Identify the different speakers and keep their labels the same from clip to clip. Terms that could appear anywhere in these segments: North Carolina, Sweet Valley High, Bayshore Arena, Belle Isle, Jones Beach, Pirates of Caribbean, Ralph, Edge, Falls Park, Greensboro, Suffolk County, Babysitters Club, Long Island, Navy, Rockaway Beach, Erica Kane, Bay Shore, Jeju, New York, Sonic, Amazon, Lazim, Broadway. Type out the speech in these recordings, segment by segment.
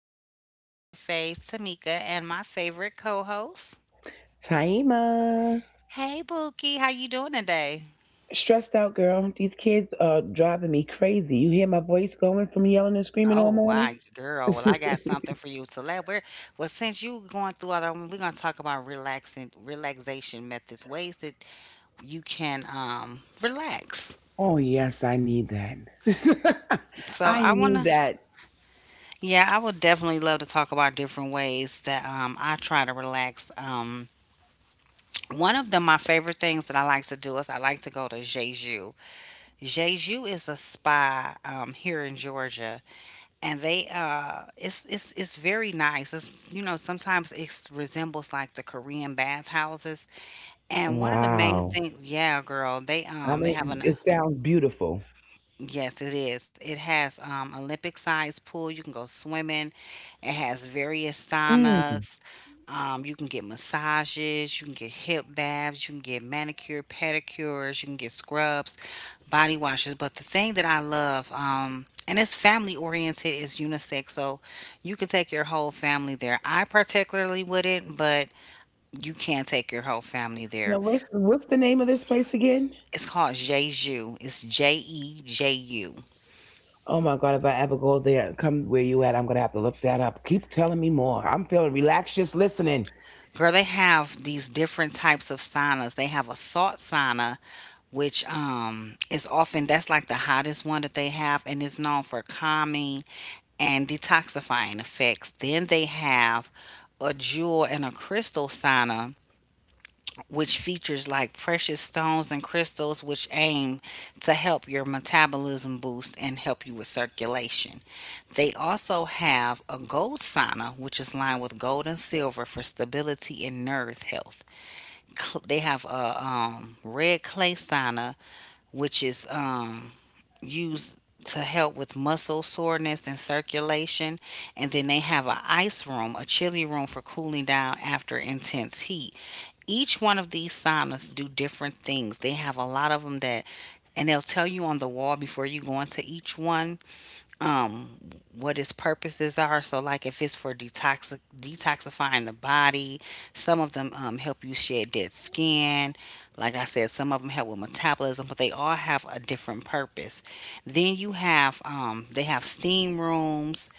Speaker 1: Saturday here with your fave Tamika and my favorite co-host.
Speaker 2: Taima.
Speaker 1: Hey Bookie, how you doing today?
Speaker 2: Stressed out, girl. These kids are driving me crazy. You hear my voice going from yelling and screaming all
Speaker 1: Oh
Speaker 2: morning?
Speaker 1: wow, girl. Well, I got something for you. So let we're well since you going through all that, we're gonna talk about relaxing relaxation methods, ways that you can relax.
Speaker 2: Oh, yes, I need that.
Speaker 1: So
Speaker 2: I
Speaker 1: I
Speaker 2: need
Speaker 1: wanna
Speaker 2: that.
Speaker 1: Yeah, I would definitely love to talk about different ways that I try to relax. One of the my favorite things that I like to do is I like to go to Jeju. Jeju is a spa here in Georgia, and they it's very nice. It's, sometimes it resembles like the Korean bathhouses, and one of the main
Speaker 2: Wow.
Speaker 1: things, yeah, girl, they
Speaker 2: I
Speaker 1: um they have
Speaker 2: mean,
Speaker 1: an
Speaker 2: it sounds beautiful.
Speaker 1: yes, it is. It has Olympic-sized pool. You can go swimming. It has various
Speaker 2: Mm.
Speaker 1: saunas. You can get massages. You can get hip baths. You can get manicure, pedicures. You can get scrubs, body washes. But the thing that I love, and it's family-oriented, is unisex. So you can take your whole family there. I particularly wouldn't, but you can take your whole family
Speaker 2: Now,
Speaker 1: there.
Speaker 2: what's the name of this place again?
Speaker 1: It's called Jeju. It's JEJU.
Speaker 2: Oh my God, if I ever go there, come where you at, I'm going to have to look that up. Keep telling me more. I'm feeling relaxed just listening.
Speaker 1: Girl, they have these different types of saunas. They have a salt sauna, which is often that's like the hottest one that they have and is known for calming and detoxifying effects. Then they have a jewel and a crystal sauna, which features like precious stones and crystals, which aim to help your metabolism boost and help you with circulation. They also have a gold sauna, which is lined with gold and silver for stability and nerve health they have a red clay sauna, which is used to help with muscle soreness and circulation. And then they have a ice room, a chilly room for cooling down after intense heat. Each one of these saunas do different things. They have a lot of them that, and they'll tell you on the wall before you go into each one um what its purposes are, so like if it's for detoxifying the body, some of them help you shed dead skin. Like I said, some of them help with metabolism, but they all have a different purpose. Then you have they have steam rooms,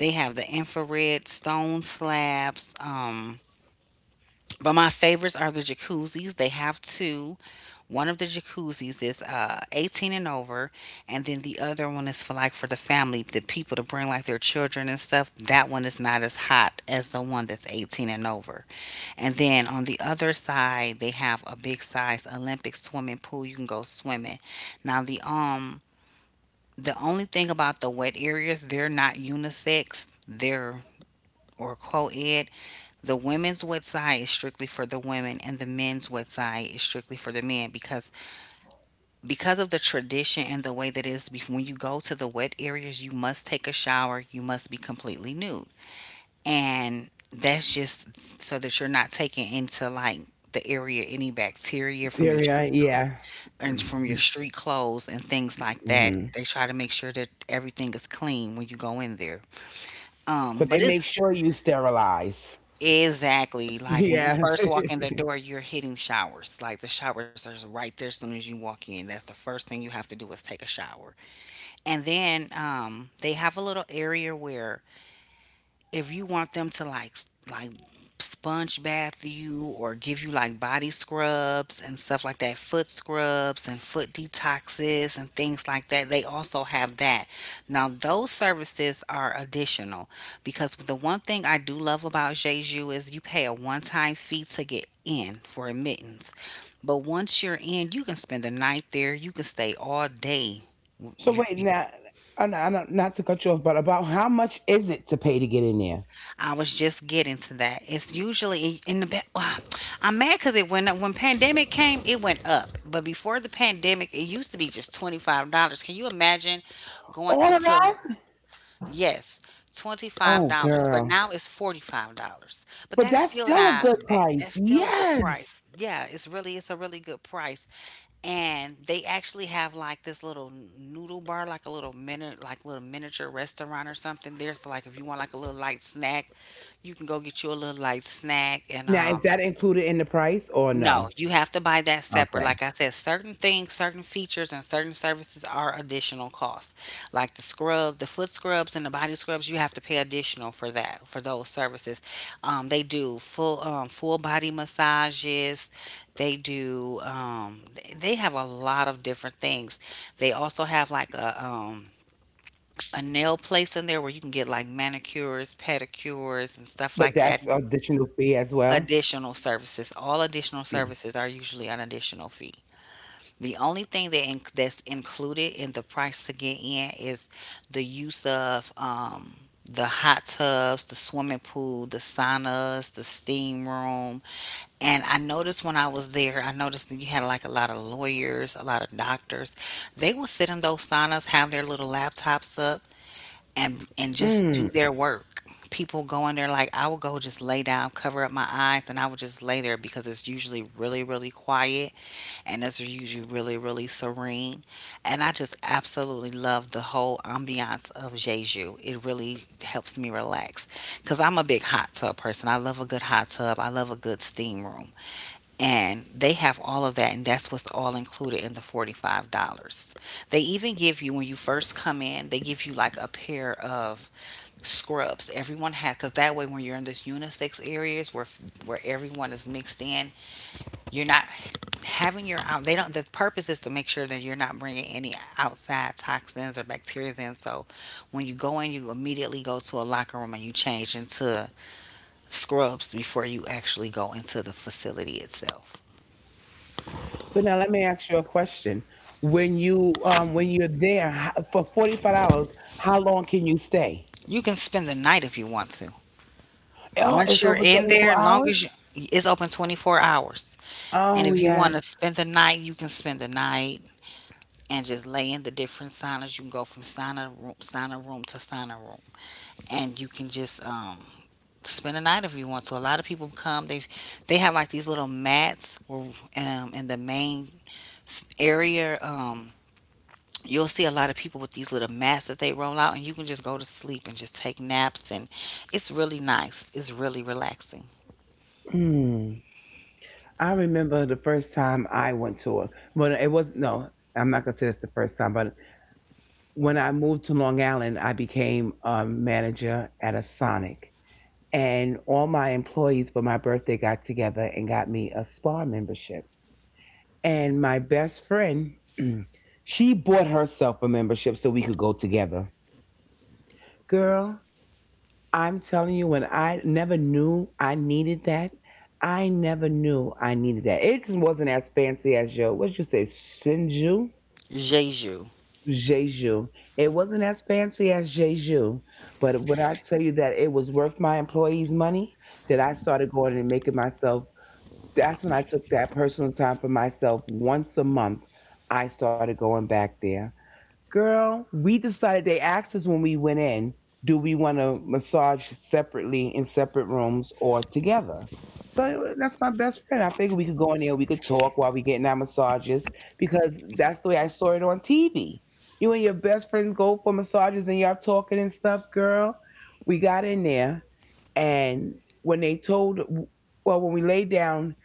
Speaker 1: they have the infrared stone slabs, but my favorites are the jacuzzis. They have two. One of the jacuzzis is 18 and over, and then the other one is for the family, the people to bring like their children and stuff. That one is not as hot as the one that's 18 and over. And then on the other side, they have a big size Olympic swimming pool. You can go swimming. Now the only thing about the wet areas, they're not unisex. They're or co-ed, the women's wet website is strictly for the women, and the men's wet website is strictly for the men because of the tradition and the way that it is. When you go to the wet areas, you must take a shower. You must be completely nude, and that's just so that you're not taking into like the area any bacteria from your
Speaker 2: Syria,
Speaker 1: street
Speaker 2: yeah.
Speaker 1: and from your street clothes and things like that.
Speaker 2: Mhm.
Speaker 1: They try to make sure that everything is clean when you go in there.
Speaker 2: So they
Speaker 1: But
Speaker 2: make
Speaker 1: it's
Speaker 2: sure you sterilize.
Speaker 1: Exactly. Like when you
Speaker 2: Yeah.
Speaker 1: first walk in the door, you're hitting showers. Like the showers are right there as soon as you walk in. That's the first thing you have to do is take a shower. And then they have a little area where if you want them to sponge bath you or give you like body scrubs and stuff like that, foot scrubs and foot detoxes and things like that, they also have that. Now those services are additional because the one thing I do love about Jeju is you pay a one-time fee to get in for admittance. But once you're in, you can spend the night there, you can stay all day.
Speaker 2: So
Speaker 1: You,
Speaker 2: wait now, I know, not to cut you off, but about how much is it to pay to get in there?
Speaker 1: I was just getting to that. It's usually in the back. I'm mad because it went up when pandemic came. It went up, but before the pandemic, it used to be just $25. Can you imagine going
Speaker 2: All of
Speaker 1: to
Speaker 2: that?
Speaker 1: yes, twenty five
Speaker 2: Oh,
Speaker 1: dollars, but now
Speaker 2: girl.
Speaker 1: it's $45. But
Speaker 2: But
Speaker 1: that's
Speaker 2: that's
Speaker 1: still
Speaker 2: still a
Speaker 1: not
Speaker 2: good
Speaker 1: a bad.
Speaker 2: price.
Speaker 1: That's still a good
Speaker 2: Yes.
Speaker 1: price. Yeah, it's a really good price, and they actually have like this little noodle bar, like a little mini, like little miniature restaurant or something there. So like if you want like a little light snack, you can go get you a little light snack, and
Speaker 2: Now, is that included in the price or
Speaker 1: no,
Speaker 2: no?
Speaker 1: you have to buy that separate.
Speaker 2: Okay.
Speaker 1: Like I said, certain things, certain features, and certain services are additional costs. Like the scrub, the foot scrubs, and the body scrubs, you have to pay additional for those services. They do full body massages. They have a lot of different things. They also have like a nail place in there where you can get like manicures, pedicures, and stuff
Speaker 2: But
Speaker 1: like that.
Speaker 2: that's additional fee as well.
Speaker 1: Additional services. All additional services are usually an additional fee. The only thing that's included in the price to get in is the use of the hot tubs, the swimming pool, the saunas, the steam room. And I noticed when I was there, I noticed that you had like a lot of lawyers, a lot of doctors. They would sit in those saunas, have their little laptops up, and just do
Speaker 2: Mm.
Speaker 1: their work. People go in there like I will go just lay down, cover up my eyes, and I will just lay there because it's usually really, really quiet, and it's usually really, really serene. And I just absolutely love the whole ambiance of Jeju. It really helps me relax because I'm a big hot tub person. I love a good hot tub. I love a good steam room, and they have all of that, and that's what's all included in the $45. They even give you when you first come in, they give you like a pair of scrubs. Everyone had because that way when you're in this unisex areas where everyone is mixed in, you're not having your out. They don't. The purpose is to make sure that you're not bringing any outside toxins or bacteria in. So when you go in, you immediately go to a locker room and you change into scrubs before you actually go into the facility itself.
Speaker 2: So now let me ask you a question. When you when you're there for $45, how long can you stay?
Speaker 1: You can spend the night if you want to.
Speaker 2: Oh,
Speaker 1: Once
Speaker 2: it's
Speaker 1: you're
Speaker 2: over
Speaker 1: in
Speaker 2: twenty
Speaker 1: there,
Speaker 2: four
Speaker 1: long
Speaker 2: hours.
Speaker 1: as you, it's open 24 hours. And
Speaker 2: Oh
Speaker 1: if you want
Speaker 2: yes.
Speaker 1: to spend the night, you can spend the night and just lay in the different saunas. You can go from sauna room, to sauna room, and you can just spend a night if you want to. A lot of people come. They have like these little mats where, in the main area. You'll see a lot of people with these little mats that they roll out, and you can just go to sleep and just take naps. And it's really nice. It's really relaxing.
Speaker 2: Hmm. I remember the first time I went to a well it was no, I'm not gonna say it's the first time, but when I moved to Long Island, I became a manager at a Sonic, and all my employees for my birthday got together and got me a spa membership. And my best friend, she bought herself a membership so we could go together. Girl, I'm telling you, when I never knew I needed that, I never knew I needed that. It just wasn't as fancy as your, what'd you say, Sinju?
Speaker 1: Jeju.
Speaker 2: Jeju. It wasn't as fancy as Jeju, but when I tell you that it was worth my employees' money, that I started going and making myself, that's when I took that personal time for myself once a month. I started going back there. Girl, we decided they asked us when we went in, do we want to massage separately in separate rooms or together? So that's my best friend. I figured we could go in there, we could talk while we getting our massages because that's the way I saw it on TV. You and your best friends go for massages and y'all talking and stuff, girl. We got in there and when they told, well, when we laid down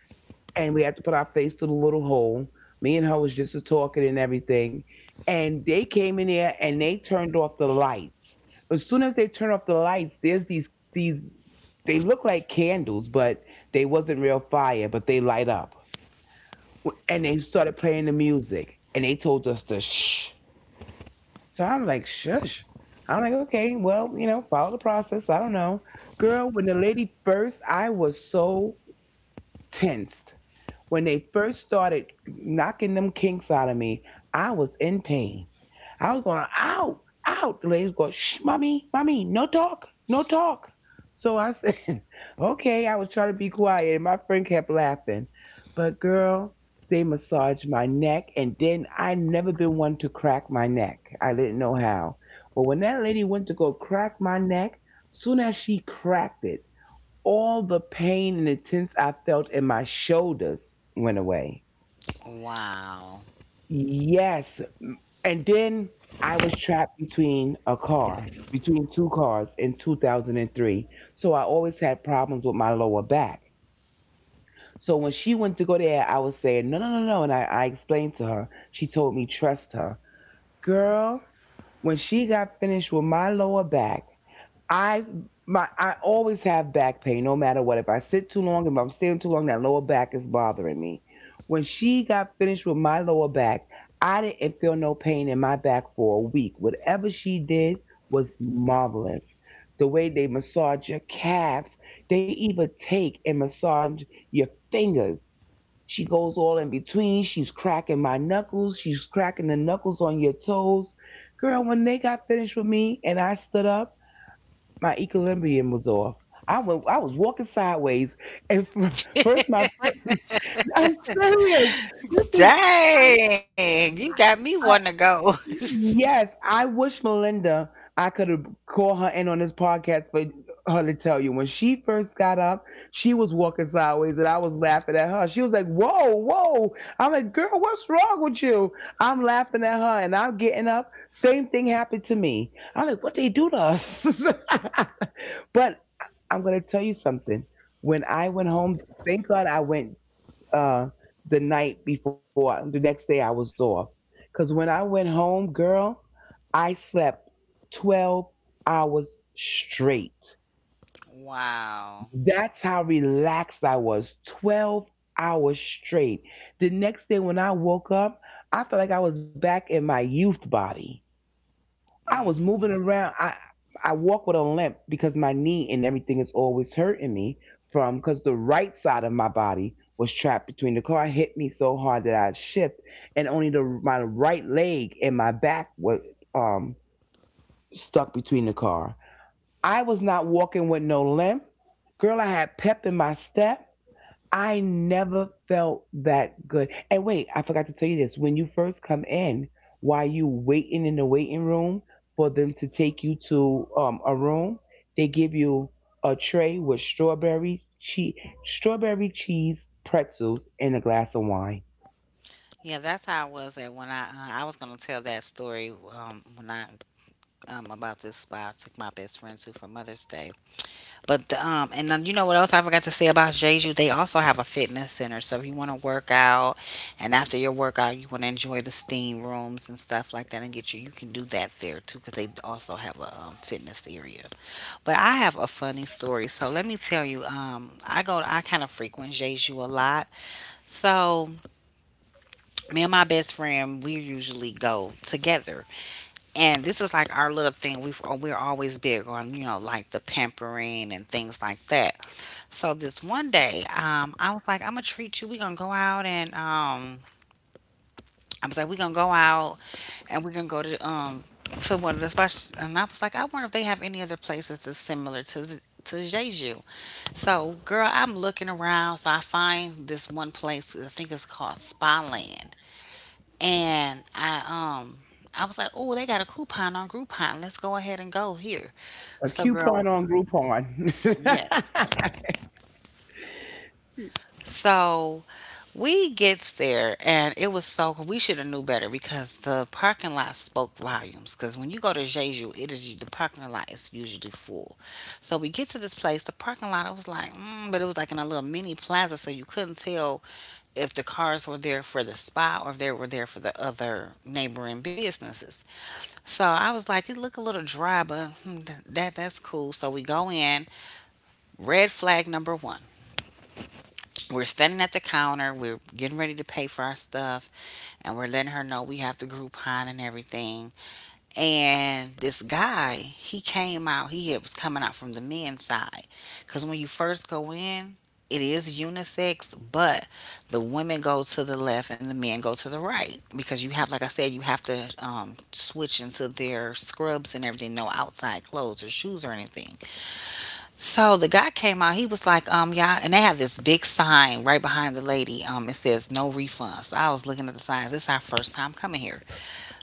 Speaker 2: and we had to put our face through the little hole. Me and her was just talking and everything. And they came in there and they turned off the lights. As soon as they turn off the lights, there's these, they look like candles, but they wasn't real fire, but they light up. And they started playing the music and they told us to shh. So I'm like, shush. I'm like, okay, well, you know, follow the process. I don't know. Girl, when the lady first, I was so tensed. When they first started knocking them kinks out of me, I was in pain. I was going, ow, ow. The lady was going, shh, mommy, mommy, no talk, no talk. So I said, okay. I was trying to be quiet, and my friend kept laughing. But girl, they massaged my neck, and then I never been one to crack my neck. I didn't know how. But when that lady went to go crack my neck, soon as she cracked it, all the pain and intense I felt in my shoulders went away.
Speaker 1: Wow.
Speaker 2: Yes. And then I was trapped between a car, between two cars in 2003. So I always had problems with my lower back. So when she went to go there, I was saying, no, no, no, no. And I explained to her. She told me, trust her. Girl, when she got finished with my lower back, I my I always have back pain, no matter what. If I sit too long, if I'm standing too long, that lower back is bothering me. When she got finished with my lower back, I didn't feel no pain in my back for a week. Whatever she did was marvelous. The way they massage your calves, they even take and massage your fingers. She goes all in between. She's cracking my knuckles. She's cracking the knuckles on your toes. Girl, when they got finished with me and I stood up, my equilibrium was off. I went, I was walking sideways, and first my friend, I'm serious. This is.
Speaker 1: Dang, you got me wanting to go.
Speaker 2: Yes, I wish Melinda I could have called her in on this podcast for her to tell you. When she first got up, she was walking sideways and I was laughing at her. She was like, whoa, whoa. I'm like, girl, what's wrong with you? I'm laughing at her and I'm getting up. Same thing happened to me. I'm like, what they do to us? But I'm gonna tell you something. When I went home, thank God I went uh, the night before. The next day I was off. Because when I went home, girl, I slept 12 hours straight.
Speaker 1: wow.
Speaker 2: That's how relaxed I was. 12 hours straight. The next day when I woke up, I felt like I was back in my youth body. I
Speaker 1: Mm
Speaker 2: was
Speaker 1: mm.
Speaker 2: moving around. I walk with a limp because my knee and everything is always hurting me from because the right side of my body was trapped between the car. It hit me so hard that I shift and only the my right leg and my back was um stuck between the car. I was not walking with no limp. Girl, I had pep in my step. I never felt that good. And wait, I forgot to tell you this. When you first come in, while you waiting in the waiting room for them to take you to a room, they give you a tray with strawberry cheese pretzels, and a glass of wine.
Speaker 1: Yeah, that's how I was at when I was gonna tell that story when I, about this spa I took my best friend to for Mother's Day. But and then you know what else I forgot to say about Jeju? They also have a fitness center, so if you want to work out, and after your workout you want to enjoy the steam rooms and stuff like that, and get you you can do that there too because they also have a fitness area. But I have a funny story, so let me tell you. I kind of frequent Jeju a lot, so. Me and my best friend, we usually go together. And this is like our little thing. We've, we're always big on, you know, like the pampering and things like that. So this one day, I was like, I'm going to treat you. We're going to go out and, I was like, we're going to go out and we're going to go to, one of the spots. And I was like, I wonder if they have any other places that's similar to to Jeju. So, girl, I'm looking around. So I find this one place. I think it's called Spa Land, and I was like, "Oh, they got a coupon on Groupon. Let's go ahead and go here."
Speaker 2: A
Speaker 1: So, girl,
Speaker 2: coupon on Groupon.
Speaker 1: yes. So we gets there, and it was so we should have knew better because the parking lot spoke volumes. Because when you go to Jeju, it is the parking lot is usually full. So we get to this place, the parking lot. I was like, but it was like in a little mini plaza, so you couldn't tell if the cars were there for the spa or if they were there for the other neighboring businesses. So I was like, it looked a little dry, but that's cool. So we go in. Red flag number one. We're standing at the counter. We're getting ready to pay for our stuff, and we're letting her know we have the Groupon and everything. And this guy, he came out, was coming out from the men's side. Because when you first go in, it is unisex, but the women go to the left and the men go to the right. Because you have, like I said, you have to switch into their scrubs and everything, no outside clothes or shoes or anything. So the guy came out, he was like, y'all, and they have this big sign right behind the lady. It says no refunds. So I was looking at the signs. This is our first time coming here.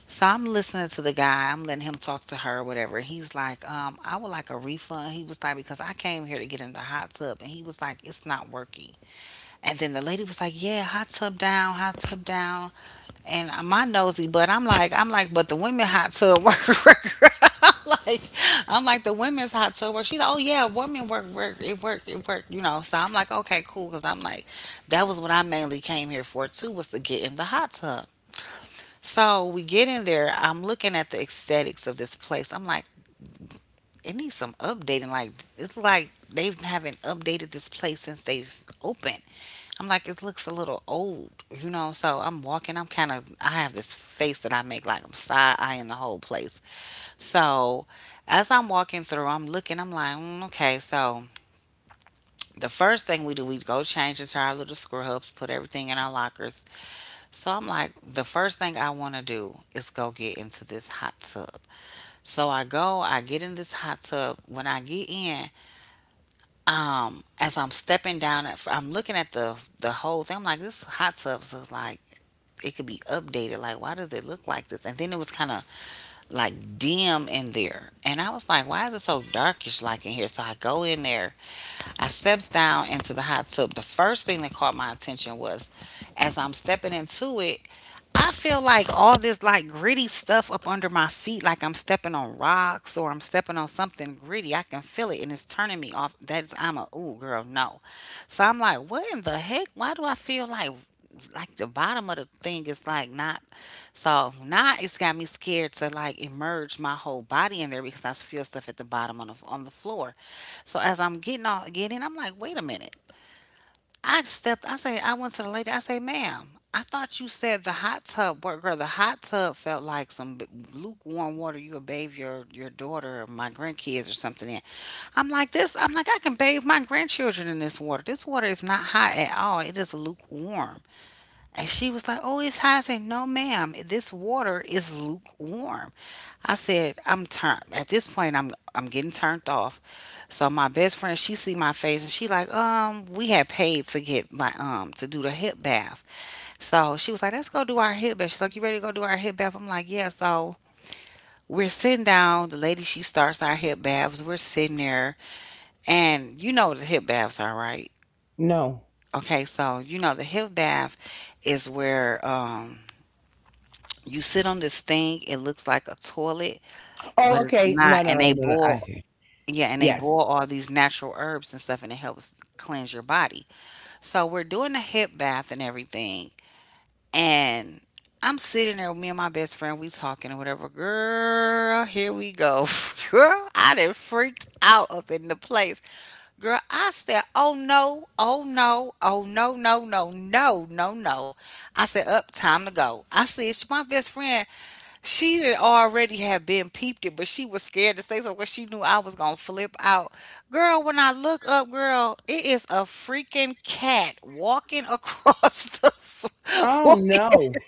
Speaker 1: So I'm listening to the guy. I'm letting him talk to her, whatever. He's like, I would like a refund. He was like, because I came here to get in the hot tub, and he was like, it's not working. And then the lady was like, yeah, hot tub down, hot tub down. And my nosy, but I'm like, but the women hot tub work. I'm like, I'm like the women's hot tub work. She's like, oh yeah, women work, work, it worked, it worked. So I'm like, okay, cool, because I'm like, that was what I mainly came here for too, was to get in the hot tub. So we get in there. I'm looking at the aesthetics of this place. I'm like, it needs some updating. Like it's like they haven't updated this place since they've opened. I'm like, it looks a little old. So I'm walking. I'm kind of. I have this face that I make like I'm side eyeing the whole place. So as I'm walking through, I'm looking. I'm like, okay. So the first thing we do, we go change into our little scrubs, put everything in our lockers. So I'm like, the first thing I want to do is go get into this hot tub. So I get in this hot tub. When I get in, as I'm stepping down, I'm looking at the whole thing. I'm like, this hot tub is like it could be updated. Like, why does it look like this? And then it was kind of like dim in there. And I was like, why is it so darkish like in here? So I go in there, I steps down into the hot tub. The first thing that caught my attention was as I'm stepping into it, I feel like all this like gritty stuff up under my feet, like I'm stepping on rocks or I'm stepping on something gritty. I can feel it and it's turning me off. That's I'm a ooh girl, no. So I'm like, what in the heck? Why do I feel like the bottom of the thing is like not so now it's got me scared to like emerge my whole body in there because I feel stuff at the bottom on the floor. So as I'm I'm like, wait a minute. I stepped. I went to the lady. I say, "Ma'am, I thought you said the hot tub worked, girl. The hot tub felt like some lukewarm water you would bathe your daughter or my grandkids or something in." I'm like this. I'm like I can bathe my grandchildren in this water. This water is not hot at all. It is lukewarm. And she was like, oh, it's hot. I said, no, ma'am, this water is lukewarm. I said, I'm turned at this point I'm getting turned off. So my best friend, she see my face and she like, we had paid to get like to do the hip bath. So she was like, let's go do our hip bath. She's like, you ready to go do our hip bath? I'm like, yeah, so we're sitting down, the lady she starts our hip baths, we're sitting there, and you know the hip baths are right.
Speaker 2: No.
Speaker 1: Okay, so you know the hip bath is where you sit on this thing, it looks like a toilet,
Speaker 2: Oh,
Speaker 1: but it's
Speaker 2: okay.
Speaker 1: not.
Speaker 2: No, no,
Speaker 1: And
Speaker 2: no,
Speaker 1: they
Speaker 2: no, no.
Speaker 1: boil,
Speaker 2: I,
Speaker 1: yeah, and they
Speaker 2: yes.
Speaker 1: boil all these natural herbs and stuff, and it helps cleanse your body. So we're doing a hip bath and everything. And I'm sitting there, with me and my best friend, we talking or whatever. Girl, here we go. Girl, I done freaked out up in the place. Girl, I said, oh no, oh no, oh no, no, no, no, no, no. I said, up, time to go. I said, My best friend, she had already had been peeped it, but she was scared to say so because she knew I was gonna flip out. Girl, when I look up, girl, it is a freaking cat walking across
Speaker 2: Oh
Speaker 1: walking.
Speaker 2: no.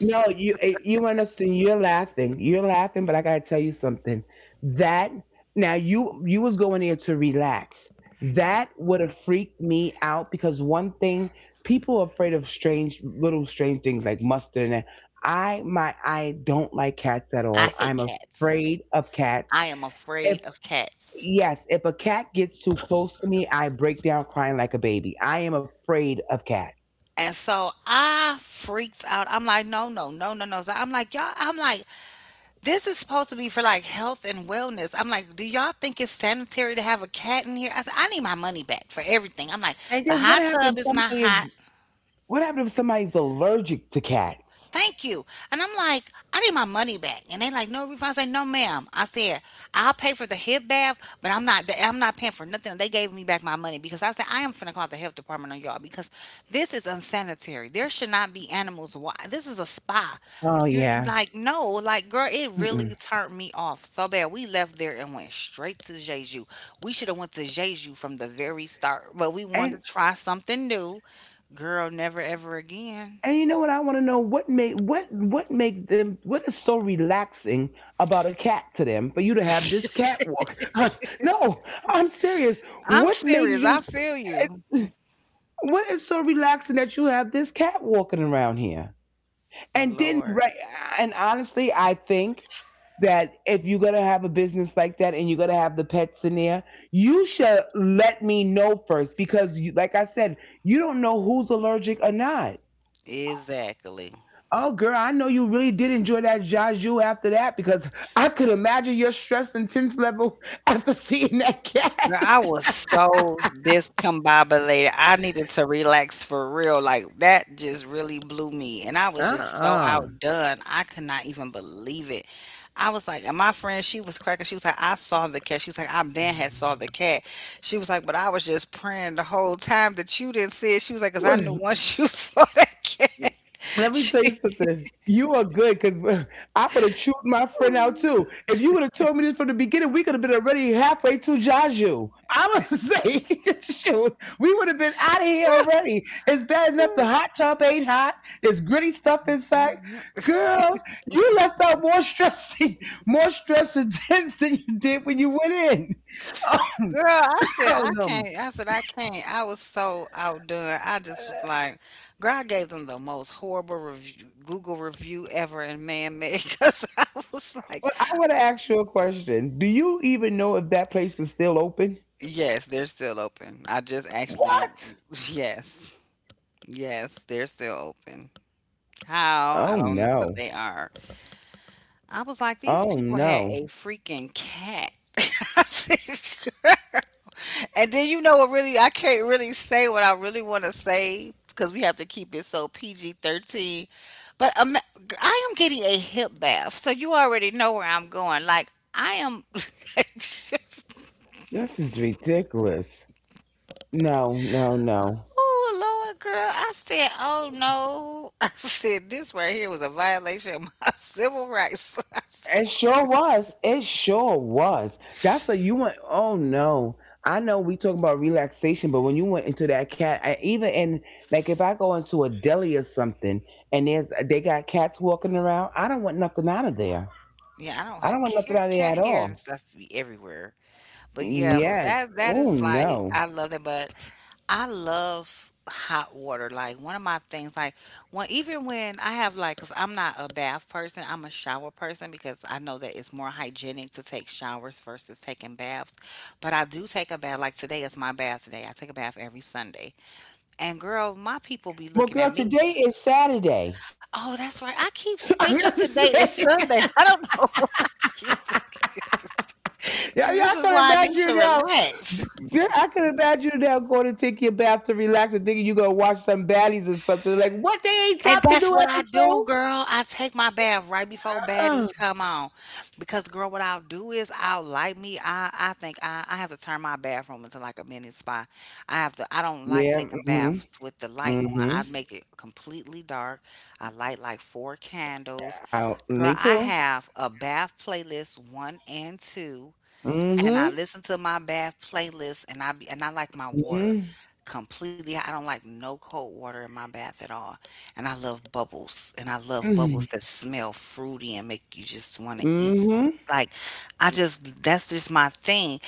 Speaker 2: No, you eh, you understand. You're laughing. You're laughing, but I gotta tell you something. That now you was going there to relax. That would have freaked me out because one thing people are afraid of strange little strange things like mustard and that. I my I don't like cats at
Speaker 1: I
Speaker 2: all.
Speaker 1: hate
Speaker 2: I'm
Speaker 1: cats.
Speaker 2: afraid of cats.
Speaker 1: I am
Speaker 2: If
Speaker 1: afraid of cats.
Speaker 2: yes, if a cat gets too close to me, I break down crying like a baby. I am afraid of cats.
Speaker 1: And so I freaked out. I'm like, no, no, no, no, no. So I'm like, y'all, I'm like, this is supposed to be for like health and wellness. I'm like, do y'all think it's sanitary to have a cat in here? I said, I need my money back for everything. I'm like,
Speaker 2: And
Speaker 1: the
Speaker 2: then what
Speaker 1: hot
Speaker 2: happens
Speaker 1: tub
Speaker 2: if
Speaker 1: is not
Speaker 2: somebody
Speaker 1: hot.
Speaker 2: is. What happened if somebody's allergic to cats?
Speaker 1: Thank you. And I'm like, I need my money back. And they like, no refund. I say, no, ma'am. I said, I'll pay for the hip bath, but I'm not paying for nothing. They gave me back my money because I said, I am finna call the health department on y'all because this is unsanitary. There should not be animals. Why? This is a spa.
Speaker 2: Oh
Speaker 1: You're
Speaker 2: yeah.
Speaker 1: like, no, like, girl, it really
Speaker 2: Mm-mm.
Speaker 1: turned me off so bad. We left there and went straight to Jeju. We should have went to Jeju from the very start, but we wanted
Speaker 2: And
Speaker 1: to try something new. Girl, never ever again.
Speaker 2: and you know what I want to know what made what make them what is so relaxing about a cat to them for you to have this cat walk? No, I'm serious.
Speaker 1: I'm
Speaker 2: What makes
Speaker 1: serious. I
Speaker 2: you,
Speaker 1: feel you.
Speaker 2: what is so relaxing that you have this cat walking around here? And didn't
Speaker 1: Lord.
Speaker 2: right, and honestly I think that if you're going to have a business like that and you're going to have the pets in there, you should let me know first because you, like I said, you don't know who's allergic or not.
Speaker 1: Exactly.
Speaker 2: Oh girl, I know you really did enjoy that Jaju after that because I could imagine your stress and tense level after seeing that
Speaker 1: Girl, I
Speaker 2: cat.
Speaker 1: was so discombobulated. I needed to relax for real. Like that just really blew me. And I was just so
Speaker 2: Uh-uh.
Speaker 1: outdone. I could not even believe it. I was like, and my friend, she was cracking. She was like, I saw the cat. She was like, I been had saw the cat. She was like, but I was just praying the whole time that you didn't see it. She was like, because I knew once you saw that cat.
Speaker 2: Let me tell you
Speaker 1: She
Speaker 2: something. You are good because I would have chewed my friend out too. If you would have told me this from the beginning, we could have been already halfway to Jaju. I was say, shoot, we would have been out of here already. It's bad enough the hot tub ain't hot. There's gritty stuff inside. Girl, you left out more stress, more stress intense than you did when you went in. Um,
Speaker 1: Girl, I said
Speaker 2: oh
Speaker 1: I
Speaker 2: no.
Speaker 1: can't. I said I can't. I was so outdone. I just was like, girl, I gave them the most horrible review, Google review ever, and man made. Because I was like,
Speaker 2: But I want to ask you a question. Do you even know if that place is still open?
Speaker 1: yes, they're still open. I just actually,
Speaker 2: What?
Speaker 1: yes, yes, they're still open. How
Speaker 2: Oh
Speaker 1: I don't, but
Speaker 2: no.
Speaker 1: they are. I was like, these
Speaker 2: Oh
Speaker 1: people had
Speaker 2: no.
Speaker 1: a freaking cat. I said, "Girl." And then you know what really I can't really say what I really want to say because we have to keep it so PG 13. But I am getting a hip bath, so you already know where I'm going. Like I am
Speaker 2: This is ridiculous. No, no, no.
Speaker 1: Oh Lord, girl! I said, "Oh no!" I said, "This right here was a violation of my civil rights." I said,
Speaker 2: It sure was. It sure was. That's what you went. Oh no. I know we talk about relaxation, but when you went into that cat, I, even in, like if I go into a deli or something and there's they got cats walking around, I don't want nothing out of there.
Speaker 1: "Yeah, I don't ha-
Speaker 2: I don't want nothing out
Speaker 1: cat,
Speaker 2: of there
Speaker 1: cat
Speaker 2: at
Speaker 1: hair and
Speaker 2: all.
Speaker 1: stuff be everywhere." But yeah, but
Speaker 2: Yes.
Speaker 1: that
Speaker 2: Oh
Speaker 1: is like
Speaker 2: no.
Speaker 1: I love it, but I love hot water. Like one of my things, like when even when I have like, cause I'm not a bath person, I'm a shower person because I know that it's more hygienic to take showers versus taking baths. But I do take a bath. Like today is my bath today. I take a bath every Sunday. And girl, my people be
Speaker 2: Well,
Speaker 1: looking
Speaker 2: girl,
Speaker 1: at me.
Speaker 2: today is Saturday.
Speaker 1: Oh, that's right. I keep thinking
Speaker 2: I was
Speaker 1: today is
Speaker 2: gonna say,
Speaker 1: Sunday. I don't know.
Speaker 2: yeah,
Speaker 1: See,
Speaker 2: y'all
Speaker 1: this is
Speaker 2: can
Speaker 1: why I need
Speaker 2: imagine
Speaker 1: to
Speaker 2: now.
Speaker 1: relax.
Speaker 2: Yeah, I can imagine now going to take your bath to relax and thinking you gonna watch some baddies or something. Like, what they ain't
Speaker 1: And
Speaker 2: dropped the
Speaker 1: that's
Speaker 2: new
Speaker 1: what I do,
Speaker 2: episode?
Speaker 1: girl. I take my bath right before
Speaker 2: Uh,
Speaker 1: baddies come on. Because girl, what I'll do is I'll light me. I think I have to turn my bathroom into like a mini spa. I have to I don't like
Speaker 2: yeah.
Speaker 1: taking
Speaker 2: Mhm.
Speaker 1: baths with the light on. I
Speaker 2: Mhm.
Speaker 1: make it completely dark. I light like four candles.
Speaker 2: I-
Speaker 1: Girl,
Speaker 2: Me
Speaker 1: I
Speaker 2: too.
Speaker 1: have a bath playlist one and two and I
Speaker 2: Mhm.
Speaker 1: listen to my bath playlist and I like my water
Speaker 2: Mhm.
Speaker 1: completely. I don't like no cold water in my bath at all. And I love bubbles and I love
Speaker 2: Mhm.
Speaker 1: bubbles that smell fruity and make you just want to eat some.
Speaker 2: Mhm.
Speaker 1: Like I just that's just my thing.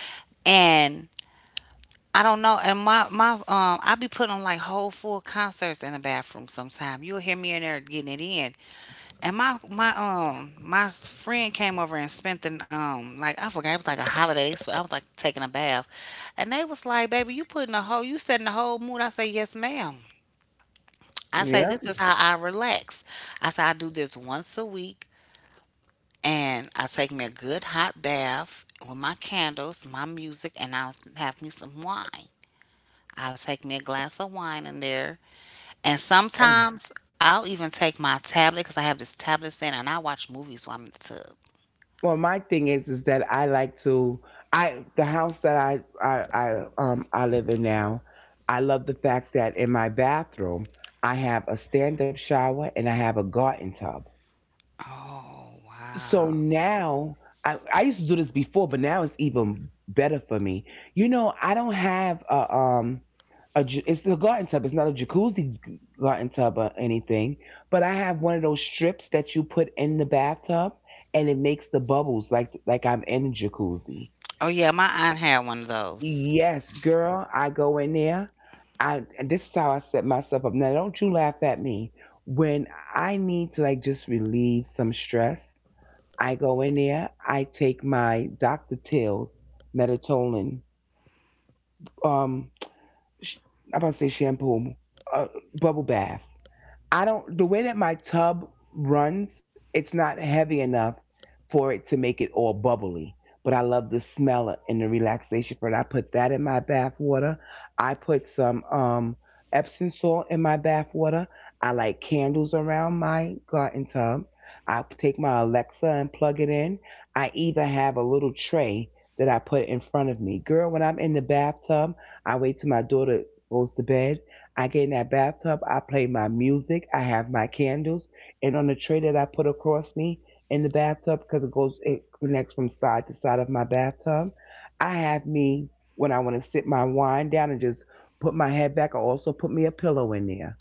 Speaker 1: And I don't know. And my I be putting on like whole full concerts in the bathroom sometime. You'll hear me in there getting it in and my friend came over and spent the like I forgot it was like a holiday. So I was like taking a bath, and they was like, "Baby, you setting the whole mood." I say, "Yes, ma'am." I say, "This
Speaker 2: Yep.
Speaker 1: is how I relax." I say, "I do this once a week, and I take me a good hot bath with my candles, my music, and I'll have me some wine. I'll take me a glass of wine in there, and
Speaker 2: And-
Speaker 1: sometimes I'll even take my tablet because I have this tablet stand, and I watch movies while I'm in the tub."
Speaker 2: Well, my thing is that I like to. I the house that I live in now. I love the fact that in my bathroom I have a stand up shower and I have a garden tub.
Speaker 1: Oh,
Speaker 2: So
Speaker 1: wow.
Speaker 2: now I used to do this before, but now it's even better for me. You know, I don't have a it's a garden tub. It's not a jacuzzi garden tub or anything, but I have one of those strips that you put in the bathtub, and it makes the bubbles like I'm in a jacuzzi.
Speaker 1: Oh, yeah, my aunt had one of those.
Speaker 2: Yes, girl, I go in there. I and this is how I set myself up. Now, don't you laugh at me when I need to like just relieve some stress. I go in there. I take my Dr. Till's melatonin. Um, sh- I'm about to say shampoo, uh, bubble bath. I don't the way that my tub runs, it's not heavy enough for it to make it all bubbly. But I love the smell and the relaxation for it. I put that in my bath water. I put some Epsom salt in my bath water. I light candles around my garden tub. I take my Alexa and plug it in. I even have a little tray that I put in front of me. Girl, when I'm in the bathtub, I wait till my daughter goes to bed. I get in that bathtub, I play my music, I have my candles, and on the tray that I put across me in the bathtub, because it goes, it connects from side to side of my bathtub, I have me, when I want to sit my wine down and just put my head back, I also put me a pillow in there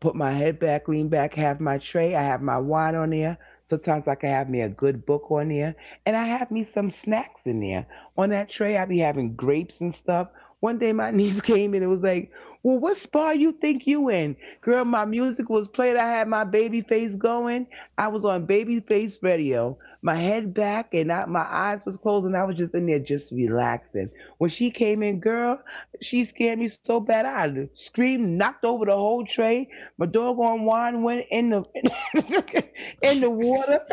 Speaker 2: put my head back, lean back, have my tray. I have my wine on there. Sometimes I can have me a good book on there. And I have me some snacks in there. On that tray, I be having grapes and stuff. One day, my niece came and it was like, well, what spa you think you in? Girl, my music was played. I had my baby face going. I was on baby face radio, my head back, and I, my eyes was closed, and I was just in there just relaxing. When she came in, girl, she scared me so bad. I screamed, knocked over the whole tray my doggone wine went in the in the water.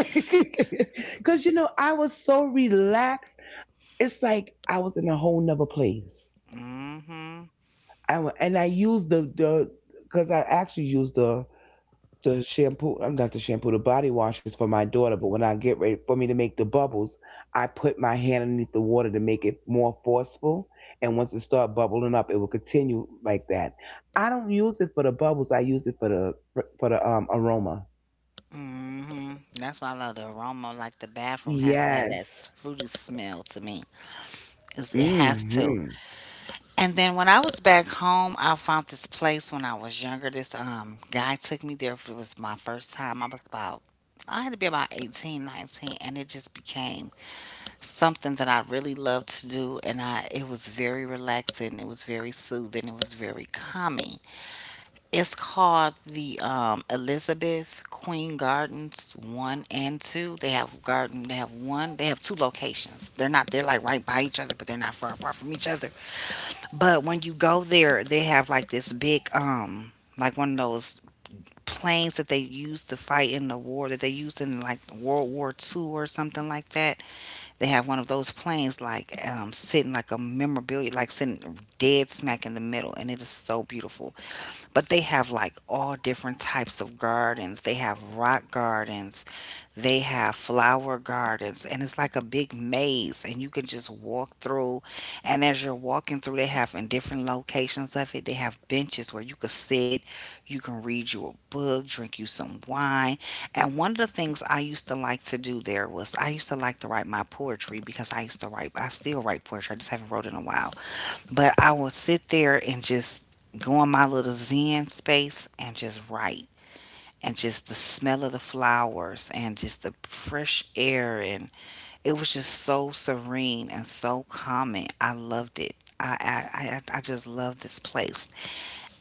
Speaker 2: Cause you know, I was so relaxed. It's like I was in a whole nother place.
Speaker 1: Mm-hmm.
Speaker 2: And I used the because I actually used the shampoo. I'm not the shampoo. The body washes for my daughter. But when I get ready for me to make the bubbles, I put my hand underneath the water to make it more forceful. And once it start bubbling up, it will continue like that. I don't use it for the bubbles. I use it for the aroma.
Speaker 1: Mm-hmm. That's why I love the aroma. Like the bathroom has to have that
Speaker 2: Yes.
Speaker 1: fruity smell to me. It has to.
Speaker 2: Hmm.
Speaker 1: And then when I was back home, I found this place when I was younger. This guy took me there. It was my first time. I had to be about 18, 19, and it just became something that I really loved to do. And I, it was very relaxing. It was very soothing. It was very calming. It's called the Elizabeth Queen Gardens one and two. They have garden. They have one. They have two locations. They're not. They're like right by each other, but they're not far apart from each other. But when you go there, they have like this big, like one of those planes that they used to fight in the war that they used in like World War II or something like that. They have one of those planes like sitting like a memorabilia, like sitting dead smack in the middle, and it is so beautiful, but they have like all different types of gardens. They have rock gardens, they have flower gardens, and it's like a big maze, and you can just walk through. And as you're walking through, they have in different locations of it, they have benches where you could sit, you can read you a book, drink you some wine. And one of the things I used to like to do there was I used to like to write my poetry, because I used to write, I still write poetry, I just haven't wrote in a while, but I will sit there and just go in my little zen space and just write. And just the smell of the flowers and just the fresh air. And it was just so serene and so calming. I loved it. I, I, I just love this place.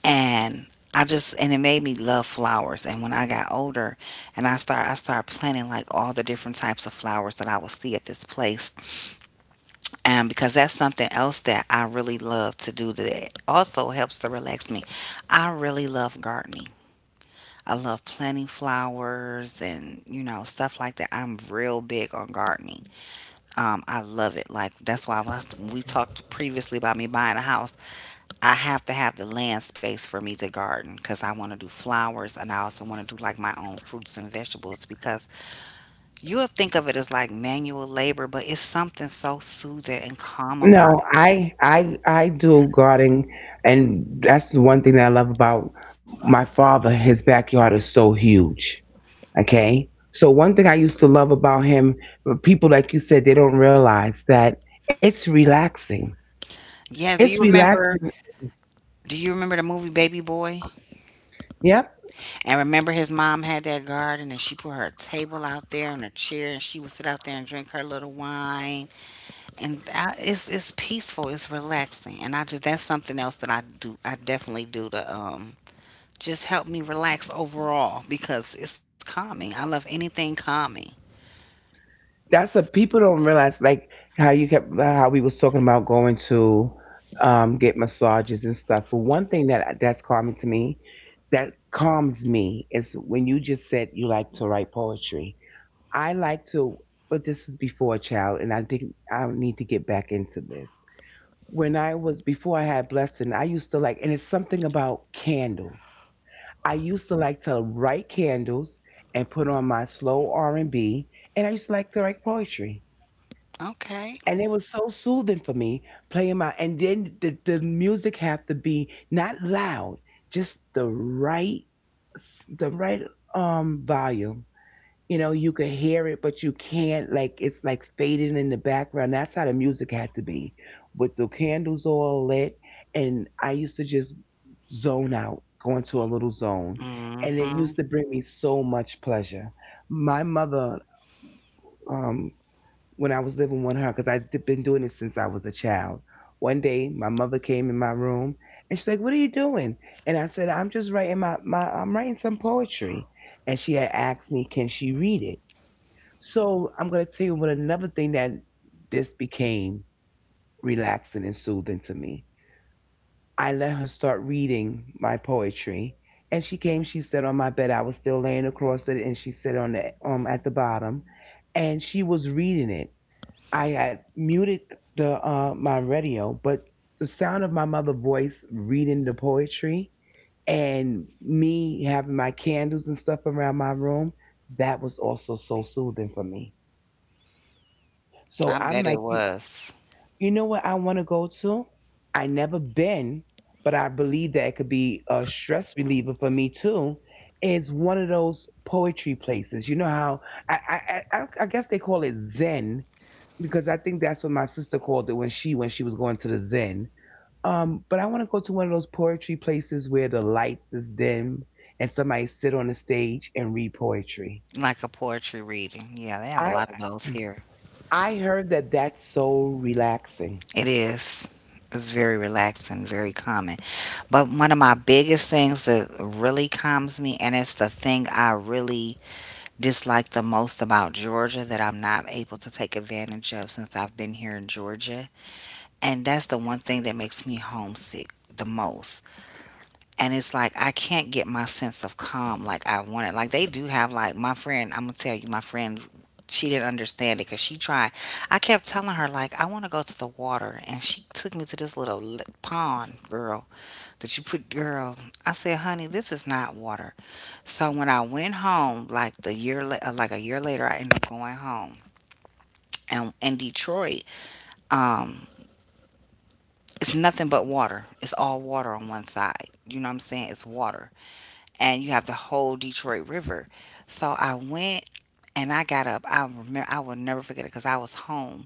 Speaker 1: And I just and it made me love flowers. And when I got older and I started planting like all the different types of flowers that I would see at this place, because that's something else that I really love to do that also helps to relax me. I really love gardening. I love planting flowers and you know stuff like that. I'm real big on gardening. I love it. Like that's why I was, we talked previously about me buying a house. I have to have the land space for me to garden, because I want to do flowers and I also want to do like my own fruits and vegetables, because you'll think of it as like manual labor, but it's something so soothing and calm about.
Speaker 2: No, I do gardening, and that's the one thing that I love about my father. His backyard is so huge. Okay. So one thing I used to love about him, but people like you said, they don't realize that it's relaxing.
Speaker 1: Yes, do
Speaker 2: It's
Speaker 1: you remember
Speaker 2: relaxing.
Speaker 1: do you remember the movie Baby Boy?
Speaker 2: Yep.
Speaker 1: And remember his mom had that garden, and she put her table out there and a chair and she would sit out there and drink her little wine. And I, it's peaceful, it's relaxing. And I just that's something else that I definitely do to just help me relax overall, because it's calming. I love anything calming.
Speaker 2: That's what people don't realize, like how you kept how we was talking about going to get massages and stuff, but one thing that that's calming to me that calms me is when you just said you like to write poetry. I like to, but this is before a child, and I think I need to get back into this. When I was before I had blessing, I used to like, and it's something about candles, I used to like to write candles and put on my slow R&B and I used to like to write poetry,
Speaker 1: Okay.
Speaker 2: and it was so soothing for me, playing my and then the music have to be not loud, just the right, the right, volume. You know, you could hear it but you can't, like, it's like fading in the background. That's how the music had to be. With the candles all lit, and I used to just zone out, go into a little zone, and it
Speaker 1: Mhm.
Speaker 2: used to bring me so much pleasure. My mother, um when I was living with her, because I'd been doing it since I was a child. One day, my mother came in my room and she's like, "What are you doing?" And I said, "I'm just writing my, my I'm writing some poetry." And she had asked me, "Can she read it?" So I'm gonna tell you what another thing that this became relaxing and soothing to me. I let her start reading my poetry, and she came. She sat on my bed. I was still laying across it, and she sat on the at the bottom, and she was reading it. I had muted the my radio, but the sound of my mother voice reading the poetry and me having my candles and stuff around my room, that was also so soothing for me.
Speaker 1: I
Speaker 2: So
Speaker 1: bet
Speaker 2: I'm
Speaker 1: it
Speaker 2: like, you,
Speaker 1: was
Speaker 2: you know what I want to go to? I never been, but I believe that it could be a stress reliever for me too. Is one of those poetry places. You know how I guess they call it Zen, because I think that's what my sister called it when she was going to the Zen. But I want to go to one of those poetry places where the lights is dim and somebody sit on the stage and read poetry.
Speaker 1: like a poetry reading. Yeah, they have a
Speaker 2: I
Speaker 1: lot of those here.
Speaker 2: I heard that that's so relaxing.
Speaker 1: It is. It's very relaxing, very calming. But one of my biggest things that really calms me, and it's the thing I really dislike the most about Georgia, that I'm not able to take advantage of since I've been here in Georgia. And that's the one thing that makes me homesick the most, and it's like I can't get my sense of calm like I wanted. Like they do have, like my friend, I'm gonna tell you, my friend, she didn't understand it because she tried. I kept telling her like I want to go to the water, and she took me to this little pond, girl. That you put, girl. I said, honey, this is not water. So when I went home, like a year later, I ended up going home, and in Detroit, um, it's nothing but water. It's all water on one side. You know what I'm saying? It's water. And you have the whole Detroit River. So I went and I got up. I remember I will never forget it, because I was home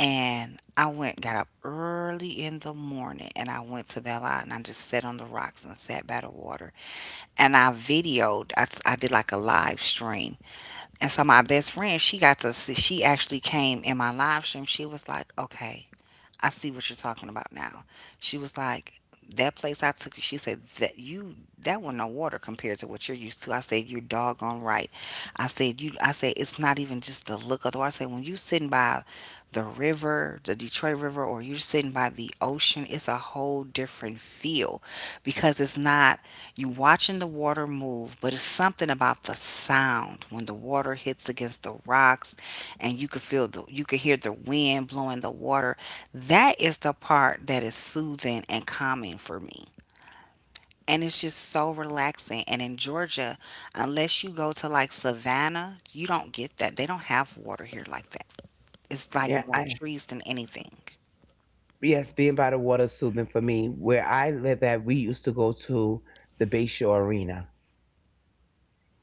Speaker 1: and I went got up early in the morning and I went to Belle Isle and I just sat on the rocks and sat by the water and I videoed. I did like a live stream, and so my best friend, she got to see. She actually came in my live stream. She was like, okay, I see what you're talking about now. She was like, that place I took you, she said, that you, that wasn't no water compared to what you're used to. I said, you're doggone right. I said, you, I said, it's not even just the look of the water. I said, when you sitting by the river, the Detroit River, or you're sitting by the ocean, it's a whole different feel, because it's not, you watching the water move, but it's something about the sound when the water hits against the rocks, and you could feel you could hear the wind blowing the water, that is the part that is soothing and calming for me. And it's just so relaxing. And in Georgia, unless you go to like Savannah, you don't get that. They don't have water here like that. It's like
Speaker 2: Yeah,
Speaker 1: more
Speaker 2: I
Speaker 1: trees than anything.
Speaker 2: yes, being by the water is soothing for me. Where I live at, we used to go to the Bayshore Arena,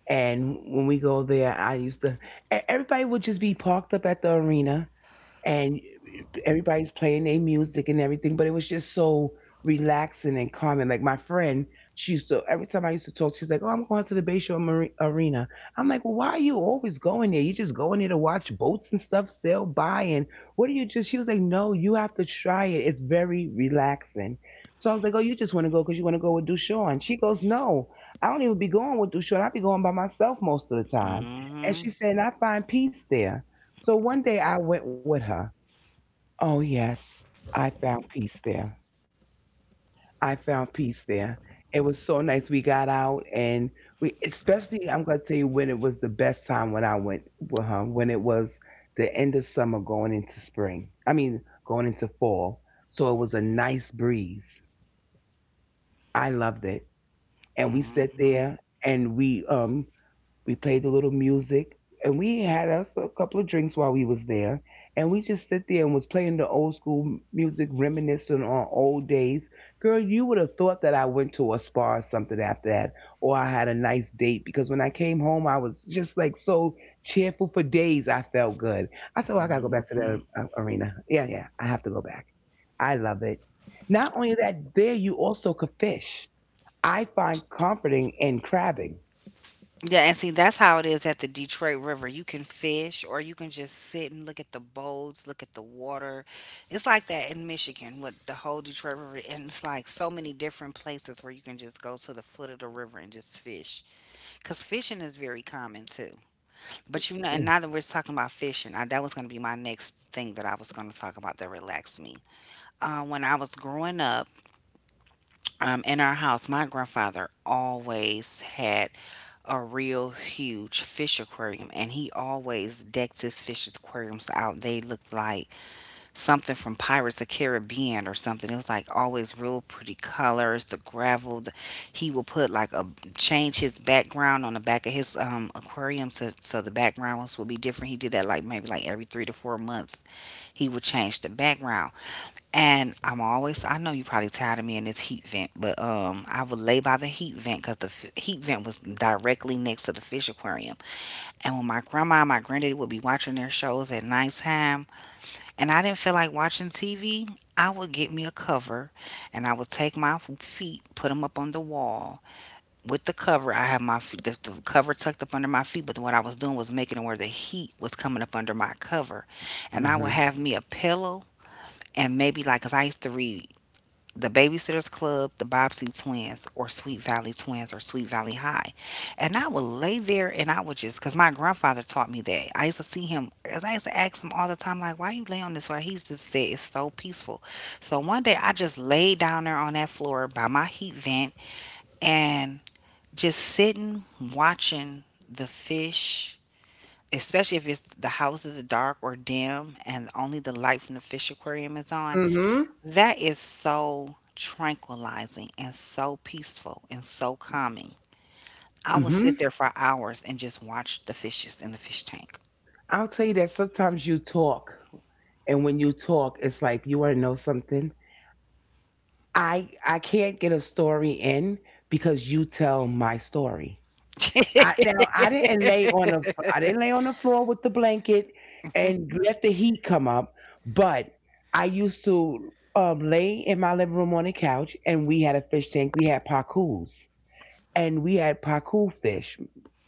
Speaker 2: and when we go there, I used to everybody would just be parked up at the arena and everybody's playing their music and everything, but it was just so relaxing and calming. Like my friend, she used to every time I used to talk, she's like, "Oh, I'm going to the Bayshore Arena." I'm like, "Well, why are you always going there? You just going there to watch boats and stuff sail by, and what do you just?" She was like, "No, you have to try it. It's very relaxing." So I was like, "Oh, you just want to go because you want to go with Dushawn?" She goes, "No, I don't even be going with Dushawn. I be going by myself most of the time." And
Speaker 1: Hmm.
Speaker 2: she said, "And I find peace there." So one day I went with her. Oh, yes. I found peace there. I found peace there. It was so nice. We got out and we, especially, I'm going to tell you when it was the best time when I went with her, when it was the end of summer going into spring. I mean, going into fall. So it was a nice breeze. I loved it. And we sat
Speaker 1: Hmm.
Speaker 2: there and we, we played a little music and we had us a couple of drinks while we was there. And we just sit there and was playing the old school music, reminiscing on old days. Girl, you would have thought that I went to a spa or something after that, or I had a nice date because when I came home, I was just like so cheerful for days. I felt good. I said, well, I gotta go back to
Speaker 1: Hmm.
Speaker 2: the arena. Yeah, yeah, I have to go back. I love it. Not only that, there you also could fish. I find comforting in crabbing.
Speaker 1: Yeah, and see, that's how it is at the Detroit River. You can fish or you can just sit and look at the boats, look at the water. It's like that in Michigan with the whole Detroit River. And it's like so many different places where you can just go to the foot of the river and just fish. Because fishing is very common too. And now that we're talking about fishing, that was going to be my next thing that I was going to talk about that relaxed me. When I was growing up, in our house, my grandfather always had a real huge fish aquarium, and he always decks his fish aquariums out. They looked like something from Pirates of Caribbean or something. It was like always real pretty colors, the gravel. The, he will put like a change his background on the back of his aquarium, so the backgrounds will be different. He did that like maybe like every 3 to 4 months. He would change the background, I know you probably tired of me in this heat vent, but I would lay by the heat vent because the heat vent was directly next to the fish aquarium. And when my grandma and my granddaddy would be watching their shows at nighttime, and I didn't feel like watching TV, I would get me a cover, and I would take my feet, put them up on the wall with the cover. I have my feet, the cover tucked up under my feet, but what I was doing was making it where the heat was coming up under my cover, and I would
Speaker 2: Yeah.
Speaker 1: have me a pillow and maybe like, because I used to read the Babysitters Club, the Bobbsey Twins, or Sweet Valley Twins, or Sweet Valley High. And I would lay there and because my grandfather taught me that. I used to see him, because I used to ask him all the time, like, why you lay on this floor? He used to say, it's so peaceful. So one day I just laid down there on that floor by my heat vent and just sitting, watching the fish. Especially if it's the house is dark or dim and only the light from the fish aquarium is on,
Speaker 2: Mhm.
Speaker 1: that is so tranquilizing and so peaceful and so calming. I would
Speaker 2: Mhm.
Speaker 1: sit there for hours and just watch the fishes in the fish tank.
Speaker 2: I'll tell you that sometimes you talk, and when you talk, it's like you want to know something. I can't get a story in because you tell my story. I now I didn't lay on the floor with the blanket and let the heat come up, but I used to lay in my living room on the couch, and we had a fish tank. We had pakus. And we had pacu fish.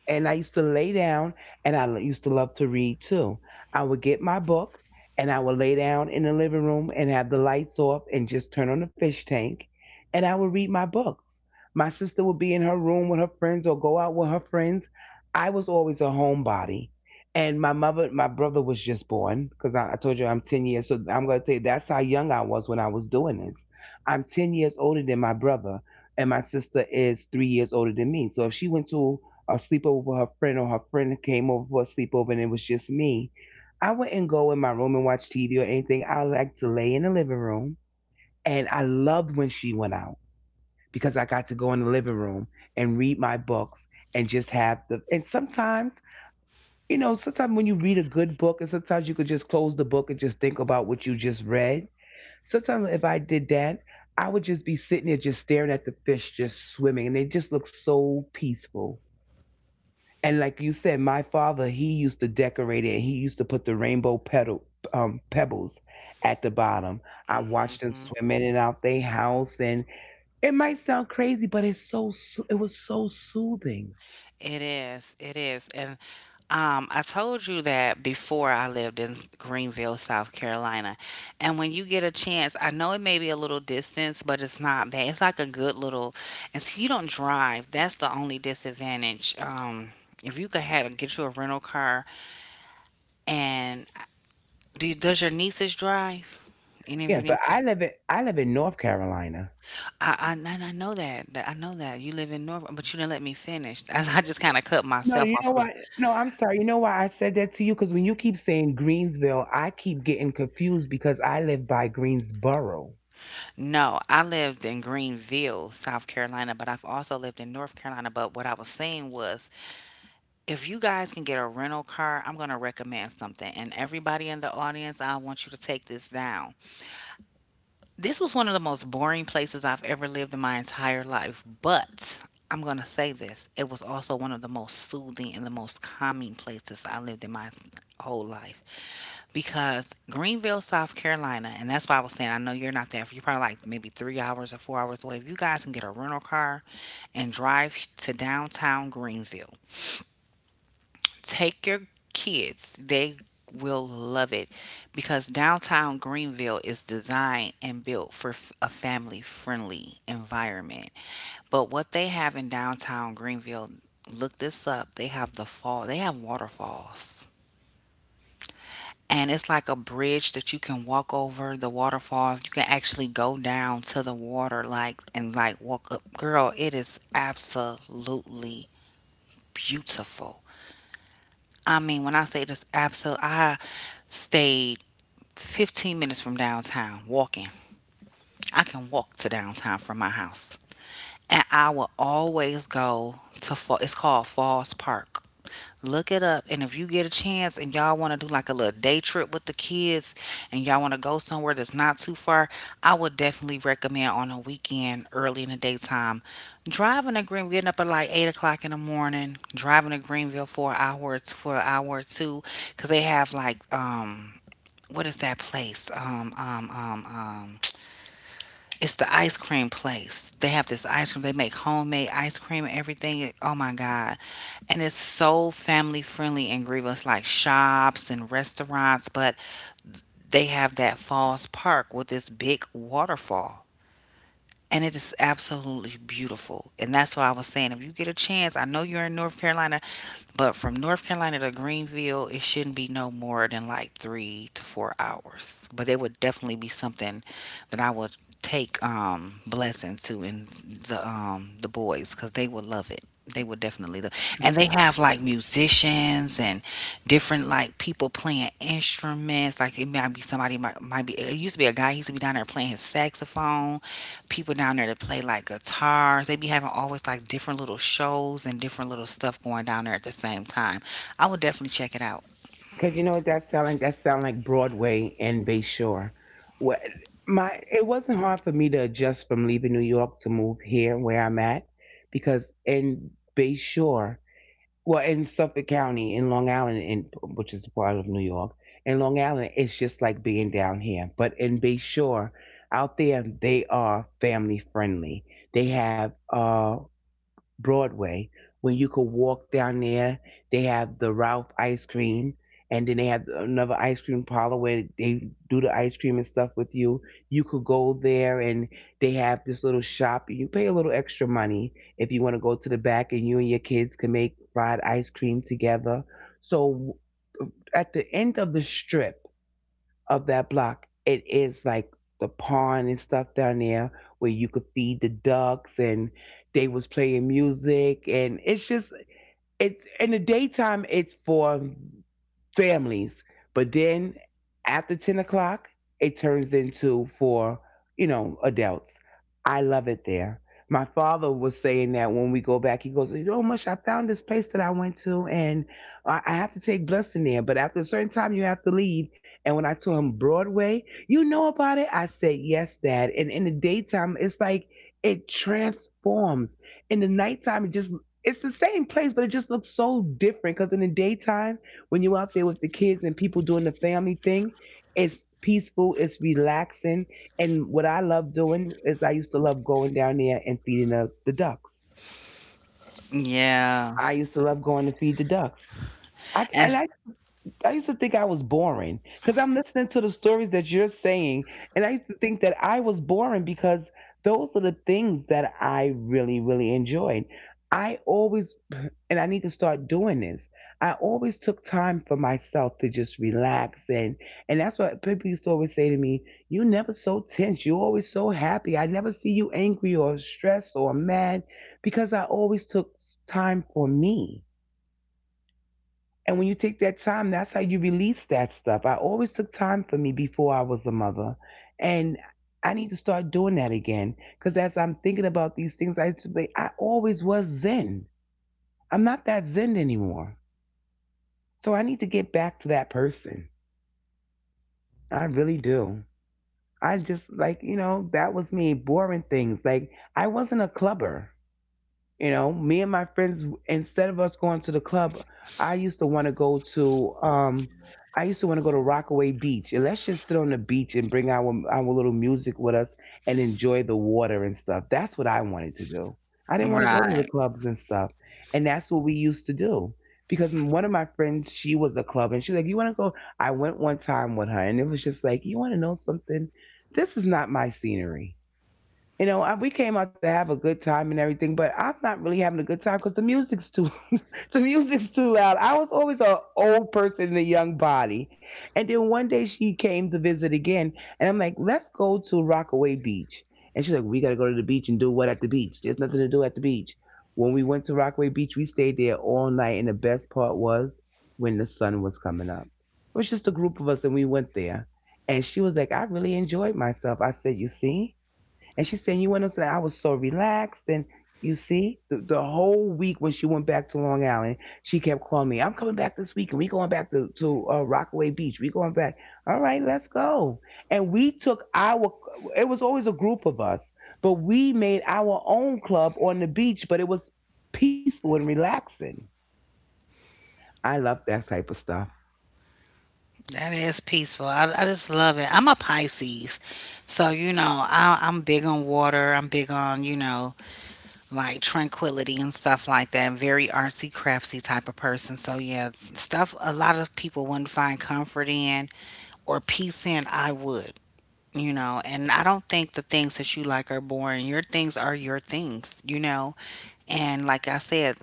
Speaker 2: And I used to lay down, and I used to love to read too. I would get my book, and I would lay down in the living room and have the lights off, and just turn on the fish tank, and I would read my books. My sister would be in her room with her friends or go out with her friends. I was always a homebody, and my mother, my brother was just born because I told you I'm 10 years. So I'm gonna tell you that's how young I was when I was doing this. I'm 10 years older than my brother and my sister is 3 years older than me. So if she went to a sleepover with her friend or her friend came over for a sleepover and it was just me, I wouldn't go in my room and watch TV or anything. I like to lay in the living room. And I loved when she went out because I got to go in the living room and read my books and just have the. And sometimes, you know, sometimes when you read a good book, and sometimes you could just close the book and just think about what you just read. Sometimes if I did that, I would just be sitting there just staring at the fish just swimming and they just look so peaceful. And like you said, my father, he used to decorate it and he used to put the rainbow petal pebbles at the bottom. I watched them
Speaker 1: Mhm.
Speaker 2: swim in and out their house, and it might sound crazy, but it's so it was so soothing.
Speaker 1: It is. It is. And I told you that before I lived in Greenville, South Carolina. And when you get a chance, I know it may be a little distance, but it's not bad. It's like a good little, and so you don't drive. That's the only disadvantage. If you could have get you a rental car and do you, does your nieces drive? Any of
Speaker 2: Yeah,
Speaker 1: your
Speaker 2: but I
Speaker 1: nieces?
Speaker 2: live in North Carolina.
Speaker 1: I and I know that, that I know that you live in Norfolk, but you didn't let me finish. I, just kind of cut
Speaker 2: No,
Speaker 1: myself
Speaker 2: you
Speaker 1: off.
Speaker 2: know
Speaker 1: A little.
Speaker 2: why? No, I'm sorry. You know why I said that to you? Because when you keep saying Greensville, I keep getting confused because I live by Greensboro.
Speaker 1: No, I lived in Greenville, South Carolina, but I've also lived in North Carolina. But what I was saying was, if you guys can get a rental car, I'm going to recommend something. And everybody in the audience, I want you to take this down. This was one of the most boring places I've ever lived in my entire life, but I'm going to say this. It was also one of the most soothing and the most calming places I lived in my whole life because Greenville, South Carolina, and that's why I was saying I know you're not there. You're probably like maybe 3 hours or 4 hours away. If you guys can get a rental car and drive to downtown Greenville, take your kids. They will love it because downtown Greenville is designed and built for a family friendly environment. But what they have in downtown Greenville, look this up. They have the they have waterfalls. And it's like a bridge that you can walk over the waterfalls. You can actually go down to the water, like, and like walk up. Girl, it is absolutely beautiful. I mean, when I say this absolute, I stayed 15 minutes from downtown walking. I can walk to downtown from my house. And I will always go to, it's called Falls Park. Look it up. And if you get a chance and y'all want to do like a little day trip with the kids and y'all want to go somewhere that's not too far, I would definitely recommend on a weekend early in the daytime. Driving to Greenville, getting up at like 8 o'clock in the morning, driving to Greenville for an hour, for an hour or two, because they have like, what is that place? It's the ice cream place. They have this ice cream. They make homemade ice cream and everything. Oh my God. And it's so family friendly in Greenville. It's like shops and restaurants, but they have that Falls Park with this big waterfall. And it is absolutely beautiful. And that's what I was saying. If you get a chance, I know you're in North Carolina, but from North Carolina to Greenville, it shouldn't be no more than like 3 to 4 hours. But it would definitely be something that I would take blessing to in the boys because they would love it. They would definitely love, and they have like musicians and different like people playing instruments. Like it might be somebody might be. It used to be a guy. He used to be down there playing his saxophone people down there to play like guitars. They be having always like different little shows and different little stuff going down there at the same time. I would definitely check it out.
Speaker 2: Because you know what that sound like? That sound like Broadway and Bay Shore. What my it wasn't hard for me to adjust from leaving New York to move here where I'm at, because in Bay Shore, well, in Suffolk County, in Long Island, in which is a part of New York, in Long Island, it's just like being down here. But in Bay Shore, out there, they are family friendly. They have Broadway when you could walk down there. They have the Ralph ice cream, and then they have another ice cream parlor where they do the ice cream and stuff with you. You could go there, and they have this little shop. You pay a little extra money if you want to go to the back, and you and your kids can make fried ice cream together. So at the end of the strip of that block, it is like the pond and stuff down there where you could feed the ducks, and they was playing music, and it's just it's in the daytime it's for families. But then after 10 o'clock, it turns into for, you know, adults. I love it there. My father was saying that when we go back, he goes, "You know, Mush, I found this place that I went to, and I have to take Blessing there. But after a certain time, you have to leave." And when I told him, "Broadway, you know about it?" I said, "Yes, Dad." And in the daytime, it's like it transforms. In the nighttime, it just, it's the same place, but it just looks so different because in the daytime, when you're out there with the kids and people doing the family thing, it's peaceful, it's relaxing. And what I love doing is I used to love going down there and feeding the ducks.
Speaker 1: Yeah.
Speaker 2: I used to love going to feed the ducks. I, and
Speaker 1: That's
Speaker 2: I I used to think I was boring because I'm listening to the stories that you're saying, and I used to think that I was boring because those are the things that I really, really enjoyed. I always, and I need to start doing this. I always took time for myself to just relax, and that's what people used to always say to me. "You never so tense. You always so happy. I never see you angry or stressed or mad." Because I always took time for me. And when you take that time, that's how you release that stuff. I always took time for me before I was a mother. And I need to start doing that again. Because as I'm thinking about these things, used to be- I always was zen. I'm not that zen anymore. So I need to get back to that person. I really do. I just, like, you know, that was me, boring things. Like, I wasn't a clubber. You know, me and my friends, instead of us going to the club, I used to want to go to I used to want to go to Rockaway Beach. And let's just sit on the beach and bring our little music with us and enjoy the water and stuff. That's what I wanted to do. I didn't want to go to the
Speaker 1: right.
Speaker 2: clubs and stuff. And that's what we used to do. Because one of my friends, she was a club, and she's like, "You want to go?" I went one time with her, and it was just like, "You want to know something? This is not my scenery." You know, I, we came out to have a good time and everything, but I'm not really having a good time because the music's too, the music's too loud. I was always an old person in a young body, and then one day she came to visit again, and I'm like, "Let's go to Rockaway Beach," and she's like, "We gotta go to the beach and do what at the beach? There's nothing to do at the beach." When we went to Rockaway Beach, we stayed there all night, and the best part was when the sun was coming up. It was just a group of us, and we went there, and she was like, "I really enjoyed myself." I said, "You see?" And she's saying, "You went on upstairs. I was so relaxed." And you see, the whole week when she went back to Long Island, she kept calling me, "I'm coming back this week and we going back to Rockaway Beach. We going back." All right, let's go. And we took our, it was always a group of us, but we made our own club on the beach, but it was peaceful and relaxing. I love that type of stuff.
Speaker 1: That is peaceful. I just love it. I'm a Pisces. So, you know, I'm big on water. I'm big on, you know, like tranquility and stuff like that. Very artsy, craftsy type of person. So, yeah, stuff a lot of people wouldn't find comfort in or peace in, I would. You know, and I don't think the things that you like are boring. Your things are your things, you know. And like I said,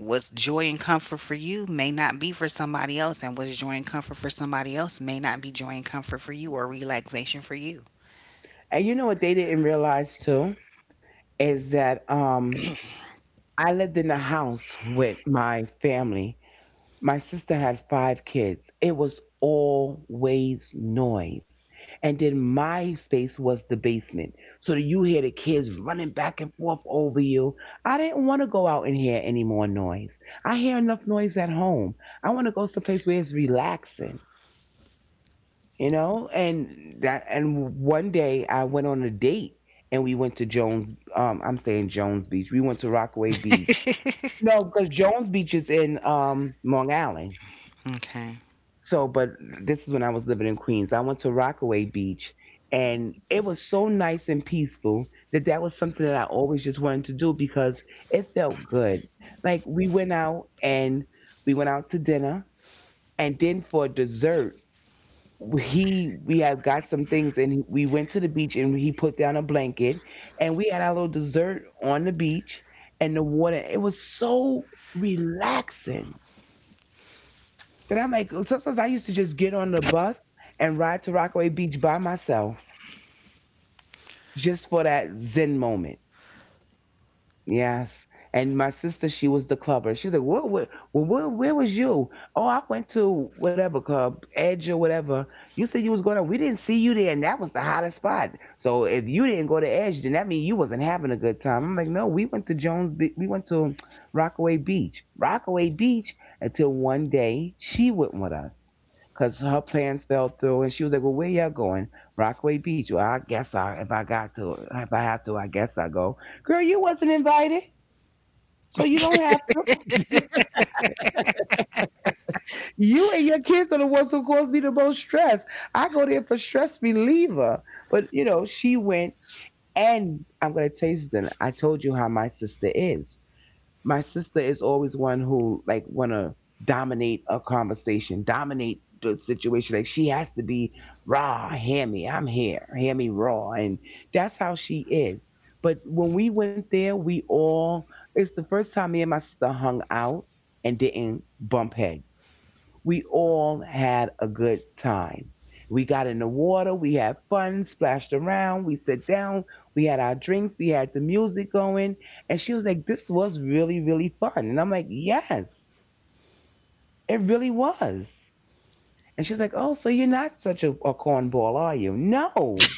Speaker 1: what's joy and comfort for you may not be for somebody else, and what's joy and comfort for somebody else may not be joy and comfort for you or relaxation for you.
Speaker 2: And you know what they didn't realize too is that I lived in a house with my family. My sister had five kids. It was always noise. And then my space was the basement. So you hear the kids running back and forth over you. I didn't want to go out and hear any more noise. I hear enough noise at home. I want to go someplace where it's relaxing, you know? And that and one day I went on a date, and we went to Jones I'm saying Jones Beach. We went to Rockaway Beach. No, because Jones Beach is in Long Island.
Speaker 1: Okay.
Speaker 2: So, but this is when I was living in Queens. I went to Rockaway Beach, and it was so nice and peaceful that that was something that I always just wanted to do because it felt good. Like we went out, and we went out to dinner, and then for dessert, he we had got some things, and we went to the beach, and he put down a blanket, and we had our little dessert on the beach, and the water. It was so relaxing. Then I'm like, sometimes I used to just get on the bus and ride to Rockaway Beach by myself just for that Zen moment. Yes. And my sister, she was the clubber. She was like, "What? What? Well, where was you?" "Oh, I went to whatever club, Edge or whatever." "You said you was going to. We didn't see you there, and that was the hottest spot. So if you didn't go to Edge, then that means you wasn't having a good time." I'm like, "No, we went to Jones. Be- we went to Rockaway Beach. Rockaway Beach." Until one day she went with us. Cause her plans fell through, and she was like, "Well, where y'all going?" "Rockaway Beach." "Well, I guess I, if I got to, if I have to, I guess I go." Girl, you wasn't invited. So you don't have you and your kids are the ones who cause me the most stress. I go there for stress reliever. But you know, she went, and I'm gonna tell you something. I told you how my sister is. My sister is always one who like want to dominate a conversation, dominate the situation. Like she has to be raw, hear me, I'm here, hear me raw, and that's how she is. But when we went there, we all it's the first time me and my sister hung out and didn't bump heads we all had a good time. We got in the water, we had fun, splashed around, we sat down, we had our drinks, we had the music going. And she was like, "This was really, really fun." And I'm like, "Yes, it really was." And she's like, "Oh, so you're not such a cornball, are you?" No.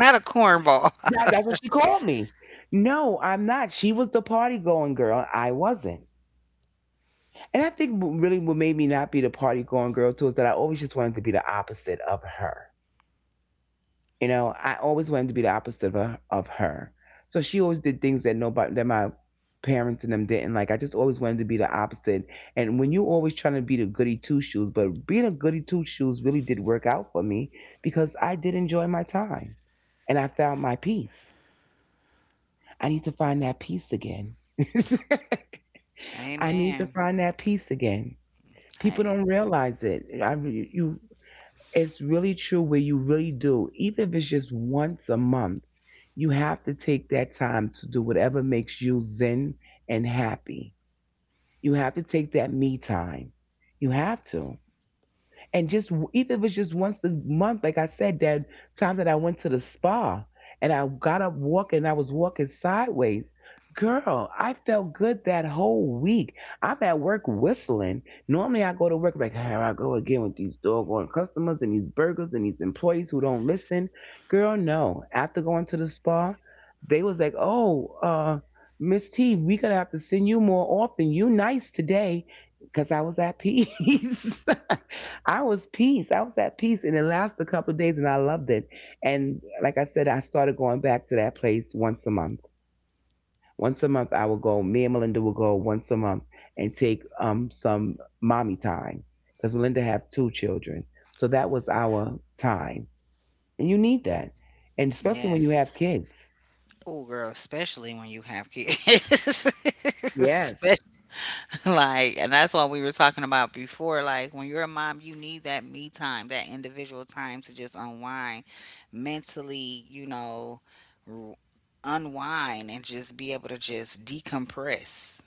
Speaker 1: Not a cornball.
Speaker 2: That, that's what she called me. No, I'm not. She was the party going girl. I wasn't. And I think what really what made me not be the party going girl too is that I always just wanted to be the opposite of her. You know, I always wanted to be the opposite of her. So she always did things that that my parents and them didn't like. I just always wanted to be the opposite. And when you always trying to be the goody two shoes, but being a goody two shoes really did work out for me because I did enjoy my time and I found my peace. I need to find that peace again. I need to
Speaker 1: Amen.
Speaker 2: find that peace again. People don't
Speaker 1: Hey.
Speaker 2: realize it. I, you It's really true where you really do, even if it's just once a month, you have to take that time to do whatever makes you zen and happy. You have to take that me time. You have to, and just even if it was just once a month, like I said, that time that I went to the spa and I got up walking, and I was walking sideways. Girl, I felt good that whole week. I'm at work whistling. Normally, I go to work like, here I go again with these doggone customers and these burgers and these employees who don't listen. Girl, no. After going to the spa, they was like, oh, Miss T, we gonna have to send you more often. You nice today, cause I was at peace. I was peace. I was at peace, and it lasted a couple of days, and I loved it. And like I said, I started going back to that place once a month. Once a month, I would go. Me and Melinda would go once a month and take some mommy time because Melinda have two children, so that was our time. And you need that, and especially when you have
Speaker 1: Yes.
Speaker 2: kids.
Speaker 1: Oh girl, especially when you have kids. Especially.
Speaker 2: Yes,
Speaker 1: Like, and that's what we were talking about before. Like, when you're a mom, you need that me time, that individual time to just unwind mentally, you know, r- unwind and just be able to just decompress.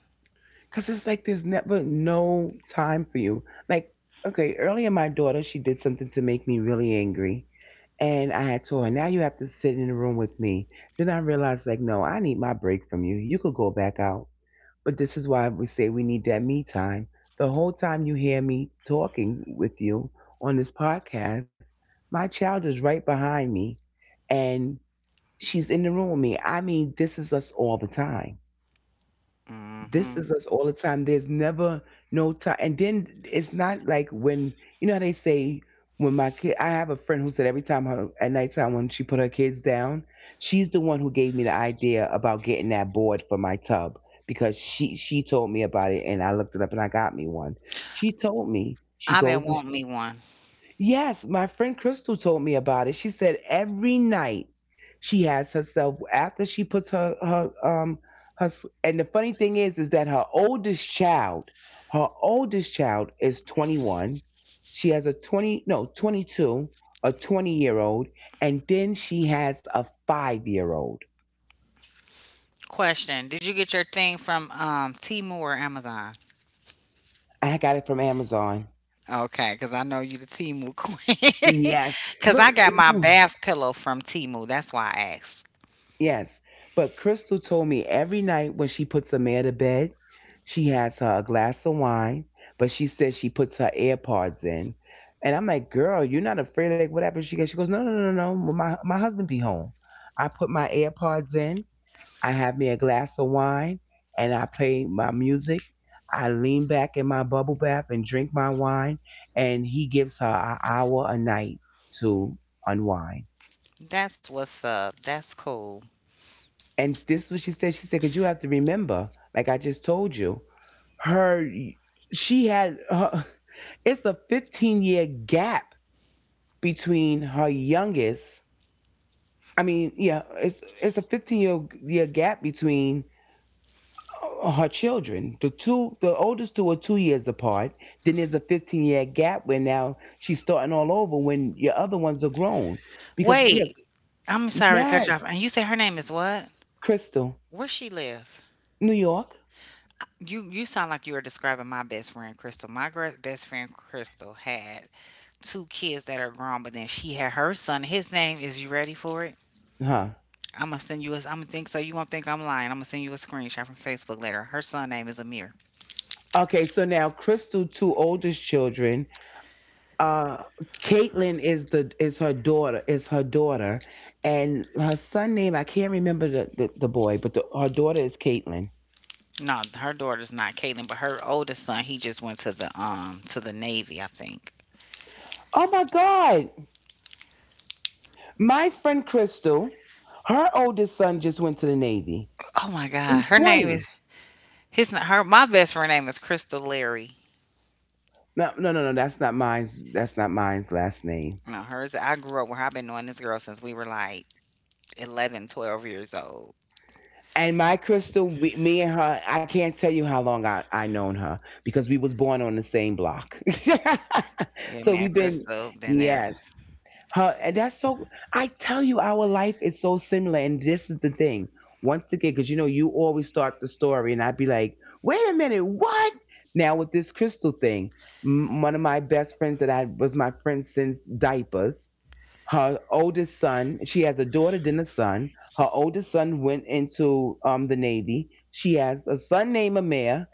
Speaker 2: because it's like there's never no time for you. Like okay, earlier my daughter she did something to make me really angry. And I had told her, now you have to sit in the room with me. Then I realized, like, no, I need my break from you. You could go back out. But this is why we say we need that me time. The whole time you hear me talking with you on this podcast, my child is right behind me and she's in the room with me. I mean, this is us all the time this
Speaker 1: Hmm.
Speaker 2: is us all the time. There's never no time. And then it's not like when you know how they say when my kid. I have a friend who said every time her at nighttime when she put her kids down, she's the one who gave me the idea about getting that board for my tub because she told me about it and I looked it up and I got me one. She told me she
Speaker 1: I've
Speaker 2: goes.
Speaker 1: been
Speaker 2: To
Speaker 1: wanting me one.
Speaker 2: Yes, my friend Crystal told me about it. She said every night she has herself after she puts and the funny thing is that her oldest child is 21. She has a 20 no, 22, a 20-year-old, and then she has a 5-year-old.
Speaker 1: Question. Did you get your thing from Temu or Amazon?
Speaker 2: I got it from Amazon.
Speaker 1: Okay, because I know you the Temu queen.
Speaker 2: Yes.
Speaker 1: Because
Speaker 2: Look,
Speaker 1: I got my bath pillow from Temu. That's why I asked.
Speaker 2: yes, but Crystal told me every night when she puts a man to bed, she has her a glass of wine, but she says she puts her AirPods in. And I'm like, girl, you're not afraid, like whatever. She goes, no, no, no, no, no. When my husband be home, I put my AirPods in, I have me a glass of wine, and I play my music. I lean back in my bubble bath and drink my wine, and he gives her an hour a night to unwind.
Speaker 1: That's what's up. That's cool.
Speaker 2: And this is what she said. She said, because you have to remember, like I just told you, her, she had, her, it's a 15-year gap between her youngest. I mean, yeah, it's a 15-year gap between her children. The oldest two are 2 years apart. Then there's a 15-year gap where now she's starting all over when your other ones are grown. Because yeah,
Speaker 1: Wait, I'm sorry to cut
Speaker 2: yes,
Speaker 1: you off. And you say her name is what?
Speaker 2: Crystal,
Speaker 1: Where she live?
Speaker 2: New York,
Speaker 1: You sound like you are describing my best friend Crystal. My best friend Crystal had two kids that are grown, but then she had her son. His name is. You ready for it?
Speaker 2: huh?
Speaker 1: I'm gonna send you a. I'm gonna think so. You won't think I'm lying. I'm gonna send you a screenshot from Facebook later. Her son name is Amir.
Speaker 2: Okay, so now Crystal, two oldest children. Uh, Caitlin is her daughter, and her son name I can't remember the boy, but her daughter is Caitlin.
Speaker 1: No, her daughter's not Caitlin, but her oldest son. He just went to the Navy, I think.
Speaker 2: Oh my God, my friend Crystal, her oldest son just went to the Navy.
Speaker 1: Oh my God,
Speaker 2: He's
Speaker 1: her name is
Speaker 2: 20.
Speaker 1: his. Her my best friend name is Crystal Larry.
Speaker 2: No, no, no, no. That's not mine's last name.
Speaker 1: No, hers, I grew up with I've been knowing this girl since we were like 11, 12 years old.
Speaker 2: And my Crystal, me and her, I can't tell you how long I known her because we was born on the same block.
Speaker 1: Yeah,
Speaker 2: so
Speaker 1: man,
Speaker 2: we've been
Speaker 1: Crystal been there.
Speaker 2: Yes. Her and That's so, I tell you our life is so similar and this is the thing. Once again cuz you know you always start the story and I'd be like, "Wait a minute, what?" Now with this Crystal thing, one of my best friends that I was my friend since diapers, her oldest son, she has a daughter then a son. Her oldest son went into the Navy. She has a son named Amir.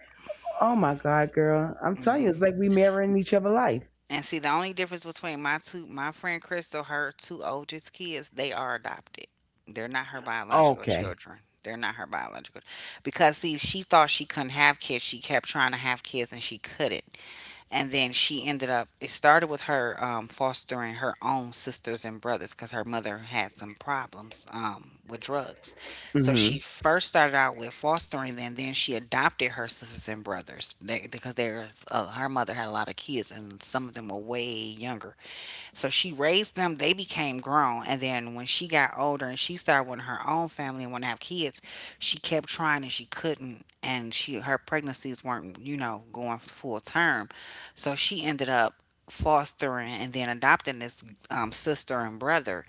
Speaker 2: Oh my God, girl, I'm telling
Speaker 1: Hmm.
Speaker 2: you, it's like we mirroring each other life.
Speaker 1: And see, the only difference between my two, my friend Crystal, her two oldest kids, they are adopted. They're not her biological
Speaker 2: Okay.
Speaker 1: children. They're not her biological. Because see, she thought she couldn't have kids. She kept trying to have kids and she couldn't. And then she ended up. It started with her fostering her own sisters and brothers because her mother had some problems with drugs. So she
Speaker 2: Mm-hmm.
Speaker 1: first started out with fostering them, then she adopted her sisters and brothers they, because there's her mother had a lot of kids, and some of them were way younger. So she raised them, they became grown. And then when she got older and she started wanting her own family and wanted to have kids, she kept trying and she couldn't. And she her pregnancies weren't, you know, going full term. So she ended up fostering and then adopting this sister and brother,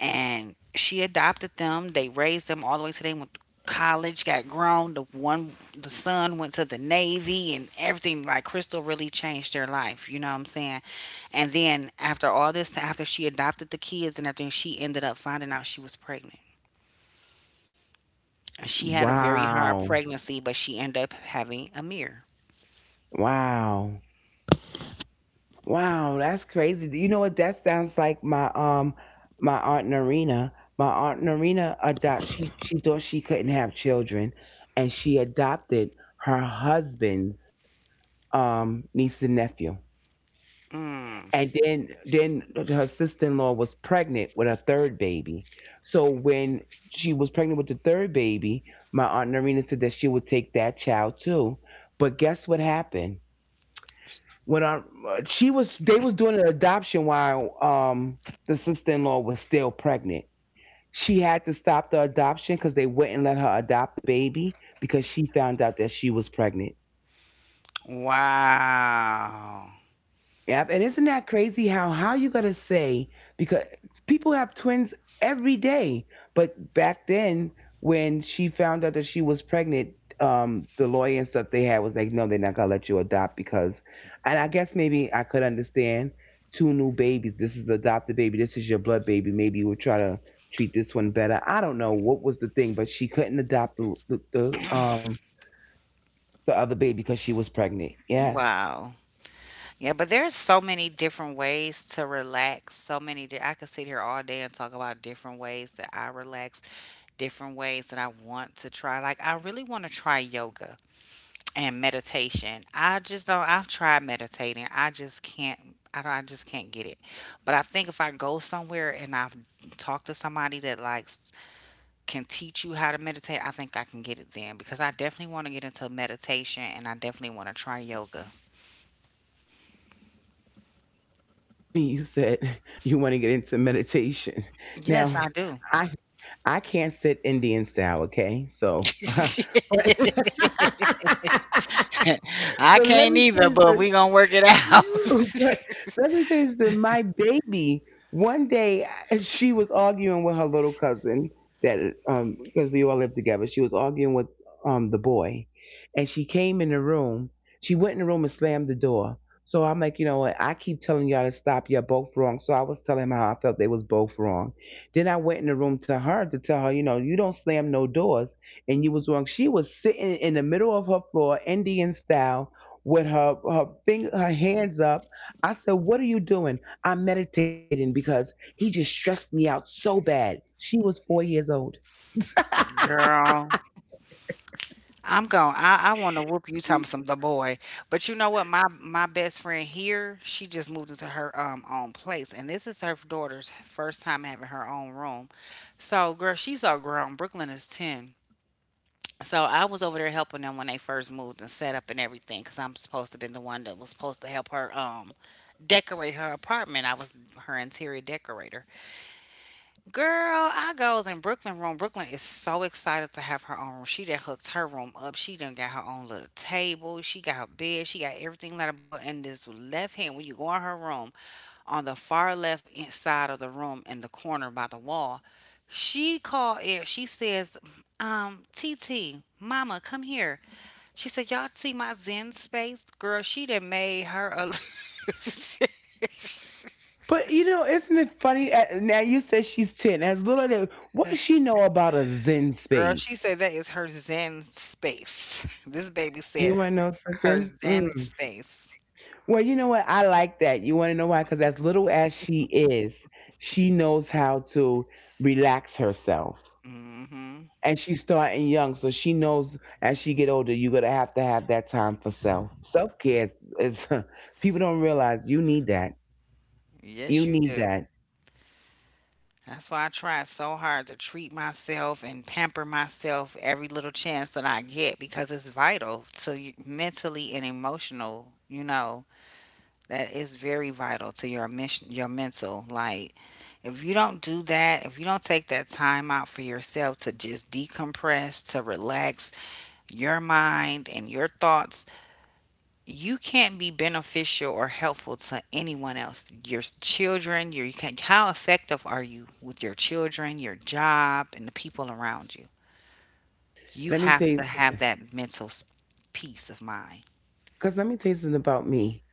Speaker 1: and she adopted them. They raised them all the way till they went to college, got grown. The one, the son went to the Navy and everything. Like Crystal really changed their life. You know what I'm saying? And then after all this, after she adopted the kids and everything, she ended up finding out she was pregnant. She had a very hard
Speaker 2: Wow,
Speaker 1: pregnancy, but she ended up having a mirror.
Speaker 2: wow, wow, that's crazy. You know what that sounds like? My my aunt Narina. My aunt Narina adopt she thought she couldn't have children, and she adopted her husband's niece and nephew.
Speaker 1: Mm.
Speaker 2: And then her sister-in-law was pregnant with her third baby. So when she was pregnant with the third baby, my aunt Narina said that she would take that child too. But guess what happened? When I, she was they was doing an adoption while the sister-in-law was still pregnant. She had to stop the adoption because they wouldn't let her adopt the baby because she found out that she was pregnant.
Speaker 1: Wow.
Speaker 2: Yep. And isn't that crazy how you gonna say, because people have twins every day. But back then when she found out that she was pregnant, the lawyer and stuff they had was like, no, they're not gonna let you adopt because, and I guess maybe I could understand, two new babies. This is adopted baby, this is your blood baby. Maybe you would try to treat this one better. I don't know what was the thing, but she couldn't adopt the um the other baby because she was pregnant. Yes.
Speaker 1: Wow. Yeah, but there's so many different ways to relax. So many. I could sit here all day and talk about different ways that I relax, different ways that I want to try. Like I really want to try yoga and meditation. I just don't. I've tried meditating. I just can't. I don't. I just can't get it. But I think if I go somewhere and I've talked to somebody that likes can teach you how to meditate, I think I can get it then because I definitely want to get into meditation and I definitely want to try yoga.
Speaker 2: It's so funny you said you want to get into meditation.
Speaker 1: Yes, I
Speaker 2: Now,
Speaker 1: do.
Speaker 2: I I can't sit Indian style, okay? So, but
Speaker 1: I
Speaker 2: let
Speaker 1: can't
Speaker 2: me say
Speaker 1: either, but
Speaker 2: this.
Speaker 1: we gonna work it out.
Speaker 2: But let me say this: my baby. One day, she was arguing with her little cousin that because we all lived together. She was arguing with the boy, and she came in the room. She went in the room and slammed the door. So I'm like, you know what? I keep telling y'all to stop. You're both wrong. So I was telling him how I felt they was both wrong. Then I went in the room to her to tell her, you know, you don't slam no doors, and you was wrong. She was sitting in the middle of her floor, Indian style with her hands up. I said, "What are you doing?" I'm meditating because he just stressed me out so bad. She was 4 years old.
Speaker 1: Girl, I'm going. I want to whoop you talking some the boy. But you know what? My best friend here, she just moved into her own place, and this is her daughter's first time having her own room. So, girl, she's all grown. Brooklyn is 10. So I was over there helping them when they first moved and set up and everything, cause I'm supposed to be the one that was supposed to help her decorate her apartment. I was her interior decorator. Girl, I goes in Brooklyn room. Brooklyn is so excited to have her own room. She done hooked her room up. She done got her own little table. She got her bed. She got everything like that. But in this left hand, when you go in her room, on the far left side of the room in the corner by the wall, she called it. She says, T T, Mama, come here. She said, y'all see my Zen space? Girl, she done made her a
Speaker 2: But you know, isn't it funny? Now you said she's ten. As little as what does she know about a zen
Speaker 1: Girl, she
Speaker 2: space?
Speaker 1: said that is her Zen space. This baby
Speaker 2: You
Speaker 1: said
Speaker 2: want to know
Speaker 1: her
Speaker 2: something?
Speaker 1: Zen
Speaker 2: Mm.
Speaker 1: space.
Speaker 2: Well, you know what? I like that. You want to know why? Because as little as she is, she knows how to relax herself.
Speaker 1: Mm hmm.
Speaker 2: And she's starting young so she knows as she get older you're gonna have to have that time for self-care. Is People don't realize you need that.
Speaker 1: Yes,
Speaker 2: You
Speaker 1: you
Speaker 2: need
Speaker 1: do.
Speaker 2: that.
Speaker 1: That's why I try so hard to treat myself and pamper myself every little chance that I get because it's vital to mentally and emotional, you know, that is very vital to your mission, your mental. Like, if you don't do that, if you don't take that time out for yourself to just decompress, to relax, your mind and your thoughts, you can't be beneficial or helpful to anyone else. Your children, your you can how effective are you with your children, your job, and the people around you? You
Speaker 2: Let me tell
Speaker 1: have
Speaker 2: you
Speaker 1: to have that mental peace of mind.
Speaker 2: Because let me tell you something about me.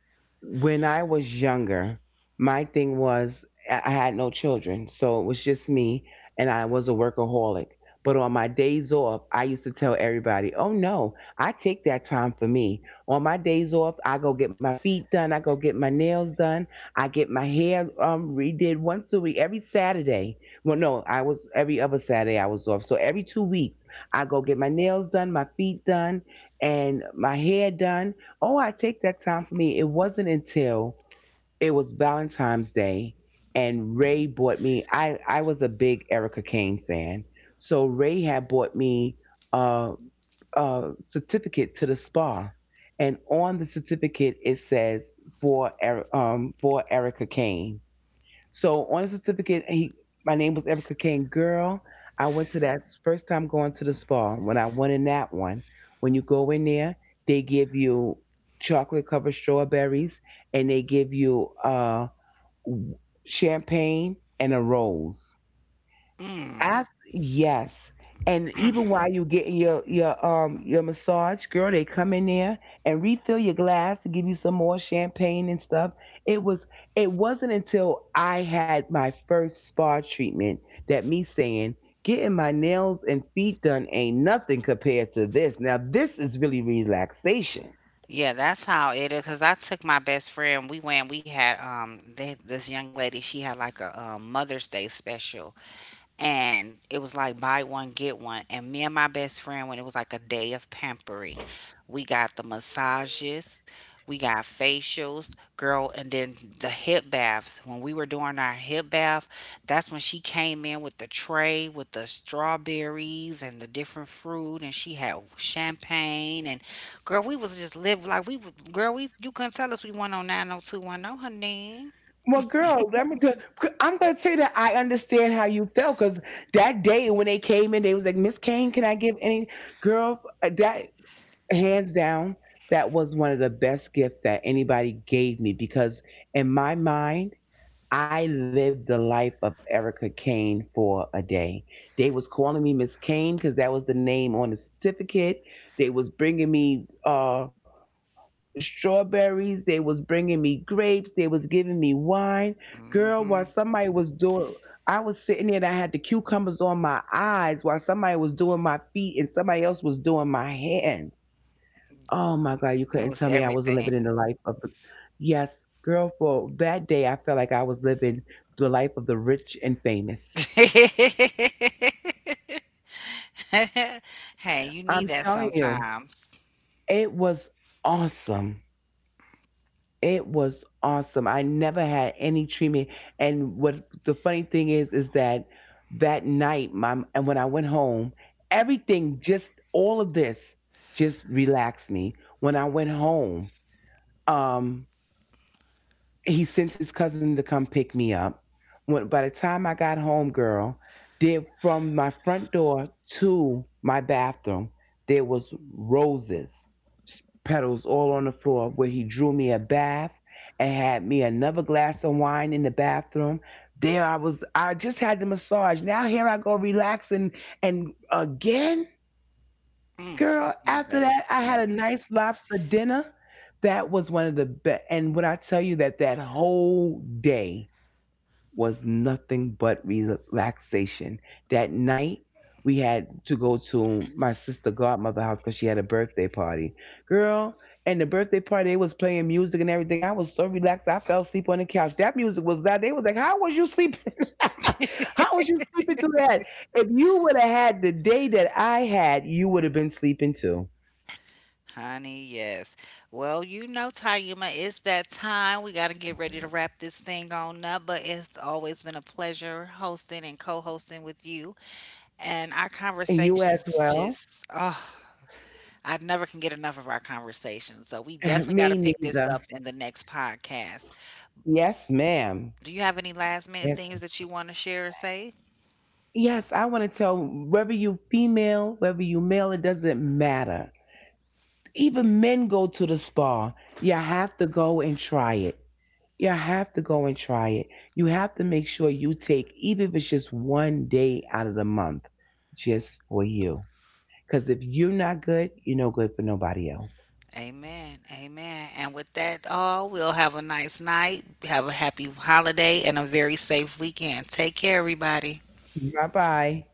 Speaker 2: When I was younger, my thing was I had no children. So it was just me, and I was a workaholic. But on my days off, I used to tell everybody, oh no, I take that time for me. On my days off, I go get my feet done. I go get my nails done. I get my hair redid once a week, every Saturday. Well, no, I was every other Saturday I was off. So every 2 weeks, I go get my nails done, my feet done, and my hair done. Oh, I take that time for me. It wasn't until it was Valentine's Day and Ray bought me. I was a big Erica Kane fan, so Ray had bought me a, a certificate to the spa, and on the certificate it says for for Erica Kane, so on the certificate, he, my name was Erica Kane. Girl, I went to that first time going to the spa when I went in that one. When you go in there, they give you chocolate covered strawberries and they give you champagne and a rose.
Speaker 1: Mm.
Speaker 2: Af yes. And even while you getting your massage, girl, they come in there and refill your glass to give you some more champagne and stuff. It was it wasn't until I had my first spa treatment that me saying getting my nails and feet done ain't nothing compared to this. Now this is really relaxation.
Speaker 1: Yeah, that's how it is. Cause I took my best friend. We went. We had they, this young lady. She had like a, Mother's Day special, and it was like buy one get one, and me and my best friend when it was like a day of pampering, we got the massages, we got facials, girl, and then the hip baths. When we were doing our hip bath, that's when she came in with the tray with the strawberries and the different fruit, and she had champagne. And girl, we was just live, like we girl, we, you couldn't tell us, we went on 90210, honey.
Speaker 2: Well, girl, let me tell. I'm gonna tell you that I understand how you felt because that day when they came in, they was like, "Miss Kane, can I give any girl?" That hands down, that was one of the best gifts that anybody gave me because in my mind. I lived the life of Erica Kane for a day. They was calling me Miss Kane because that was the name on the certificate. They was bringing me strawberries. They was bringing me grapes. They was giving me wine. Girl,
Speaker 1: Hmm.
Speaker 2: while somebody was doing, I was sitting there and I had the cucumbers on my eyes while somebody was doing my feet and somebody else was doing my hands. Oh my God, you couldn't
Speaker 1: It
Speaker 2: tell
Speaker 1: was
Speaker 2: me I wasn't living
Speaker 1: everything.
Speaker 2: in the life of the. Yes, girl, for that day, I felt like I was living the life of the rich and famous.
Speaker 1: Hey, you need
Speaker 2: I'm
Speaker 1: that
Speaker 2: telling you,
Speaker 1: sometimes.
Speaker 2: it was awesome. It was awesome. I never had any treatment. And what the funny thing is that that night, my, and when I went home, everything, just all of this, just relaxed me. When I went home, Um. he sent his cousin to come pick me up. When by the time I got home, girl, there from my front door to my bathroom, there was roses, petals all on the floor where he drew me a bath and had me another glass of wine in the bathroom. There I was I just had the massage. Now here I go relaxing and again.
Speaker 1: Mm,
Speaker 2: Girl,
Speaker 1: mm-mm,
Speaker 2: after
Speaker 1: that was
Speaker 2: that, I had a
Speaker 1: amazing.
Speaker 2: nice lobster dinner. That was one of the best. And when I tell you that that whole day was nothing but relaxation. That night, we had to go to my sister godmother house because she had a birthday party. Girl, and the birthday party, they was playing music and everything. I was so relaxed. I fell asleep on the couch. That music was loud. They was like, how was you sleeping? How was you sleeping through that? If you would have had the day that I had, you would have been sleeping too.
Speaker 1: Honey, yes. Well, you know, Tayuma, it's that time. We got to get ready to wrap this thing on up, but it's always been a pleasure hosting and co hosting with you. And our
Speaker 2: And you as
Speaker 1: conversations
Speaker 2: well.
Speaker 1: just, oh, I never can get enough of our conversations. So we definitely got to
Speaker 2: Me
Speaker 1: pick this up
Speaker 2: neither.
Speaker 1: in the next podcast.
Speaker 2: Yes, ma'am.
Speaker 1: Do you have any last minute things
Speaker 2: Yes,
Speaker 1: that you want to share or say?
Speaker 2: yes, I want to tell whether you female, whether you male, it doesn't matter. Even men go to the spa. You have to go and try it. You have to go and try it. You have to make sure you take, even if it's just one day out of the month, just for you. Because if you're not good, you're no good for nobody else.
Speaker 1: Amen. Amen. And with that, all, we'll have a nice night. Have a happy holiday and a very safe weekend. Take care, everybody.
Speaker 2: Bye bye.